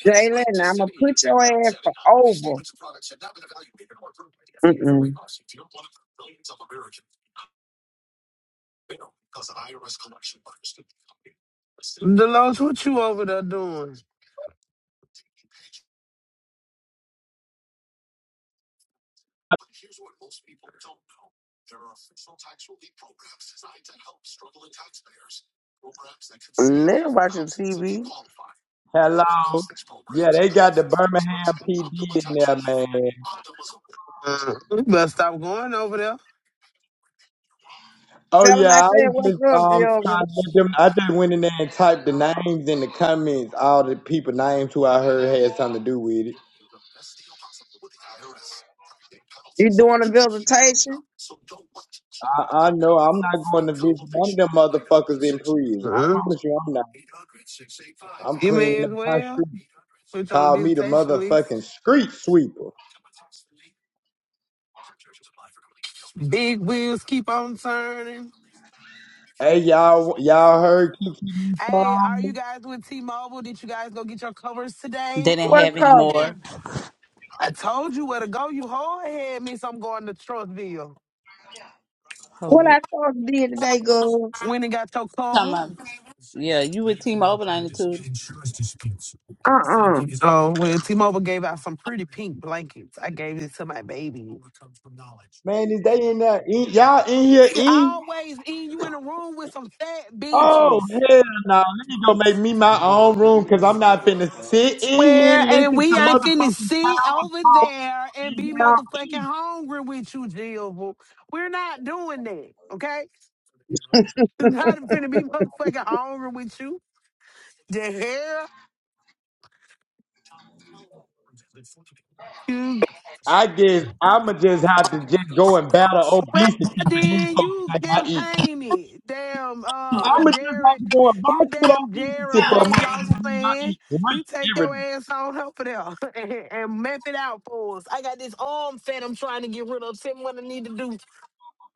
B: Jalen, I'm gonna put your ass for over. Mm-mm.
M: Delos, what you over there doing?
N: Now watching TV.
G: Hello. Yeah, they got the Birmingham PD in there, man.
M: Uh, you better stop going over there.
G: Oh
B: Tell him I
G: yeah, I
B: said,
G: was
B: what's
G: just
B: up,
G: um
B: Jalen?
G: trying to let them. I just went in there and typed the names in the comments, all the people names who I heard had something to do with it.
B: You doing a visitation?
G: I, I know I'm not going to visit none of them motherfuckers in prison. I
M: Uh,
G: promise you, I'm not. I'm
M: you may
G: cleaning
M: as
G: up my
M: well.
G: street.
M: Put you on a
G: Call me the
M: visitation list.
G: motherfucking street sweeper.
M: Big wheels keep on turning.
G: Hey y'all, y'all heard Kiki
M: Hey, are
G: Palmer?
M: you guys with T-Mobile? Did you guys go get your covers
I: They
M: today?
I: didn't
B: What
I: have any
B: cover?
I: more.
M: I told you where to go. You hard head, miss. I'm going to Trustville.
I: Hold
B: What
I: on.
B: I supposed to did today, girl?
M: When and got your
I: Come
M: cover.
I: on. Yeah, you with Team Overline too.
B: Uh-uh.
M: Oh, well, T-Mobile gave out some pretty pink blankets. I gave it to my baby.
G: Man, is they in there? In, y'all in here?
M: He
G: In?
M: always in you in a room with some fat
G: Oh
M: bitches.
G: hell no! Let me go make me my own room because
M: If you
G: I'm
M: want
G: not
M: to
G: finna
M: hire us,
G: sit
M: it's
G: in here
M: Where
G: and
M: and
G: listen to
M: we ain't finna
G: motherfucking
M: sit
G: power
M: over
G: talk.
M: there and
G: and
M: be
G: y'all
M: motherfucking
G: eat.
M: hungry with you, Jill. We're not doing that, okay? [LAUGHS] I'm not finna be motherfucking hungry with you. The hell?
G: I guess I'ma just have to just go and battle
M: Well,
G: obesity for these
M: then
G: folks
M: you
G: that I eat.
M: campaign it. Damn, uh,
G: I'ma just have
M: Jared,
G: to go and
M: you
G: box with
M: damn Jared
G: obesity for a
M: weight
G: motherfucker
M: loss
G: to believe I
M: plan.
G: eat
M: You take
G: great every
M: your
G: day.
M: ass on over there [LAUGHS] and, and map it out for us. I got this arm fat I'm trying to get rid of. Tell me what I need to do.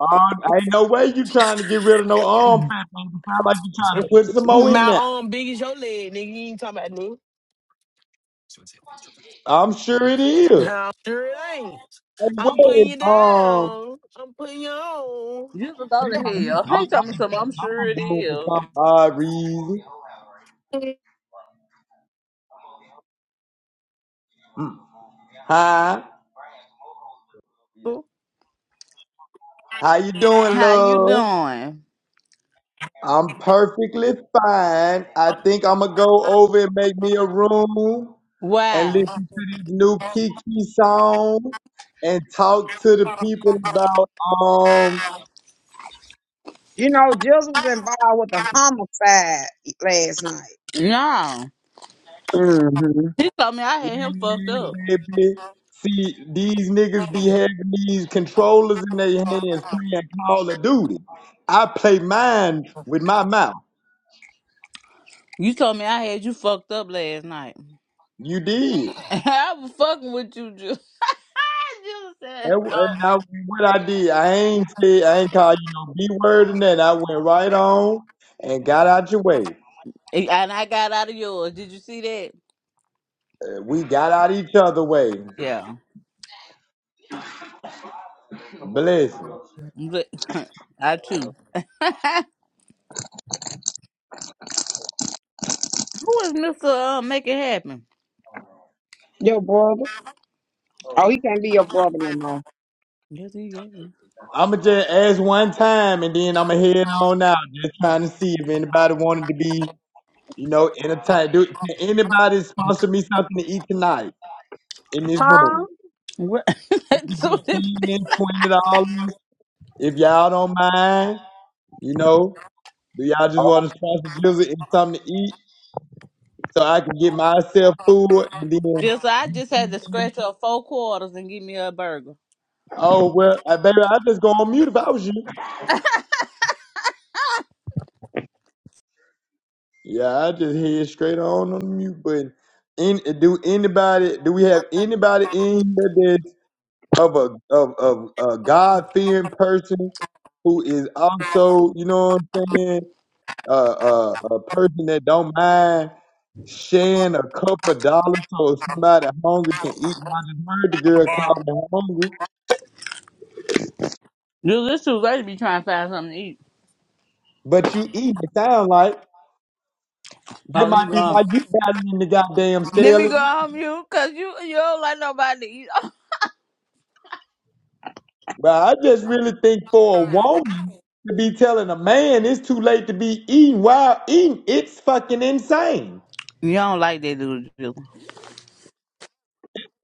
G: Um, ain't no way you trying to get rid of no arm fat, man. It sound like you trying to put some more in
M: My
G: there.
M: arm big as your leg, nigga. You ain't talking about me.
G: I'm sure it is.
M: No, sure it ain't.
G: And
M: I'm putting
G: Wade,
M: you
G: um,
M: down. I'm putting you
I: You can go to hell. He told me something. I'm sure
G: I'm
I: it
G: good for
I: is.
G: some odd reason.
M: on.
G: Mm. Hi, how you doing,
I: How you
G: love?
I: doing?
G: I'm perfectly fine. I think I'm gonna go over and make me a room and
I: Why?
G: listen to this new Kiki song and talk to the people about um,
B: You know, Jizzle was involved with a homicide last night.
I: No.
B: hmm
I: He told me I had him fucked up.
G: yeah, baby. See, these niggas be having these controllers in their hands playing Call of Duty. I play mine with my mouth.
I: You told me I had you fucked up last night.
G: You did.
I: [LAUGHS] I was fucking with you, Ju- [LAUGHS] Jules. said,
G: And,
I: "Oh."
G: and I, what I did, I ain't say, I ain't call you no B word and that. I went right on and got out your way.
I: And I got out of yours. Did you see that?
G: We got out each other way.
I: Yeah.
G: Blessing.
I: But- [LAUGHS] I too. Who is Mr. Uh, Make It Happen?
B: Your brother? Oh, he can't be your brother no more.
I: Yes, he is.
G: I'ma just ask one time and then I'ma head on out, just trying to see if anybody wanted to be, you know, entertained. Do, can anybody sponsor me something to eat tonight in this
B: Huh?
G: room?
I: What? [LAUGHS]
G: It could
I: So
G: be
I: that-
G: 10 20 dollars if y'all don't mind, you know. Do y'all just want to sponsor Jizzle and something to eat? so I can get myself food and then
I: just I just had to scratch up four quarters and give me a burger.
G: oh well I baby I just go on mute if I was you. Yeah, I just head straight on on the mute button. Any, do anybody do we have anybody in here that's of a of of a God fearing person who is also, you know what I'm saying, uh, uh, a person that don't mind sharing a couple of dollars so if somebody hungry can eat. Well, I just heard the girl call me hungry.
I: Dude, this too late to be trying to find something to eat.
G: But you eat, it sound like.
I: Oh,
G: That
I: let me
G: might
I: go
G: be
I: home.
G: why you guys in the goddamn
I: Let
G: scale,
I: me
G: as
I: go
G: well.
I: home, you, cause you you don't like nobody to eat. [LAUGHS]
G: But I just really think for a woman to be telling a man it's too late to be eating while eating, it's fucking insane.
I: You don't like that dude.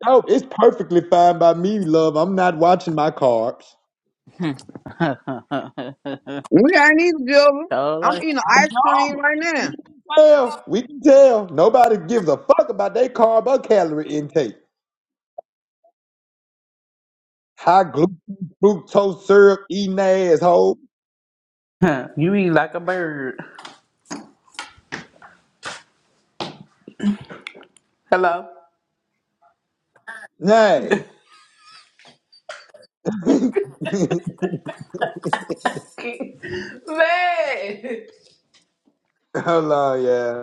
G: Oh, it's perfectly fine by me, love. I'm not watching my carbs.
I: Hmm. [LAUGHS]
B: We ain't eating Jizzle.
I: Y'all
B: I'm
I: like
B: eating
G: I
B: ice cream
G: know.
B: right
G: We
B: now.
G: can tell. We can tell. Nobody gives a fuck about their carb or calorie intake. High glucose, fructose syrup, eating assholes.
I: huh, you eat like a bird. Hello.
G: Nay. [LAUGHS] Hold
I: Man,
G: on, yeah.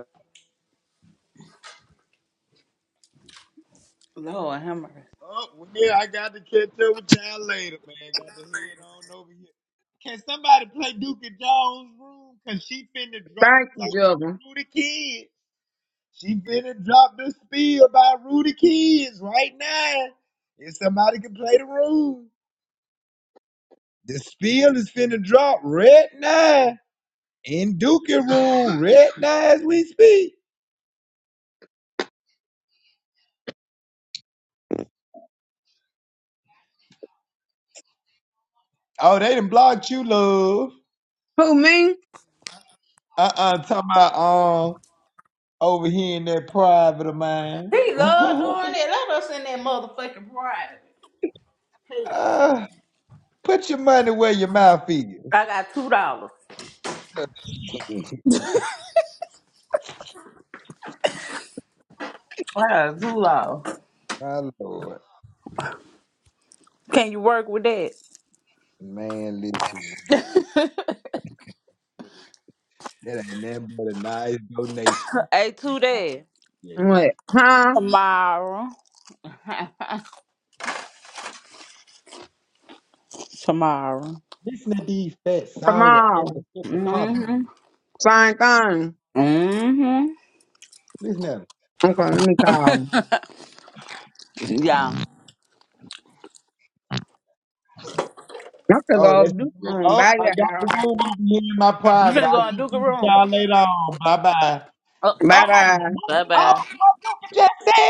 I: Lord have mercy.
G: Oh, well, yeah, I got to catch up with y'all later, man. Got to head on over here. Can somebody play Duke and Jones room? Cause she finna drop
B: Thank you,
G: something
B: Jizzle.
G: by Rudy Kids. She finna drop the spiel by Rudy Kids right now. If somebody can play the room, the spiel is finna drop right now in Duke and room right now as we speak. Oh, they done blocked you, love.
B: Who me?
G: Uh uh talking about um over here in that private of mine.
I: he love
G: [LAUGHS]
I: doing it. Let us in that motherfucking private. Hey,
G: Uh, put your money where your mouth is.
I: I got two dollars.
G: [LAUGHS]
I: I got two dollars.
G: My Lord.
I: Can you work with that?
G: Man, listen. That ain't nothing but a nice donation.
I: Hey, two days.
G: Yeah.
B: What? Huh?
I: Tomorrow. [LAUGHS] Tomorrow.
G: Listen to these fat, sorry,
B: Tomorrow.
G: angry hippopotamus.
I: Mm-hmm.
B: Same thing.
I: Mm-hmm.
G: Listen to them.
B: Okay, let me call him.
I: Yeah.
B: I'm gonna
G: Oh,
B: go over
G: that's the
B: this
G: room.
B: room.
G: Oh,
B: Bye,
G: I got
B: y'all.
G: the room over here in my
I: You
G: private.
I: finna
G: I'll
I: go in
G: keep
I: Duke a
G: you with
I: room.
G: y'all later on. Bye bye.
I: Oh,
G: Oh,
B: Bye, bye.
G: what?
I: bye
G: oh,
I: bye.
G: what you just said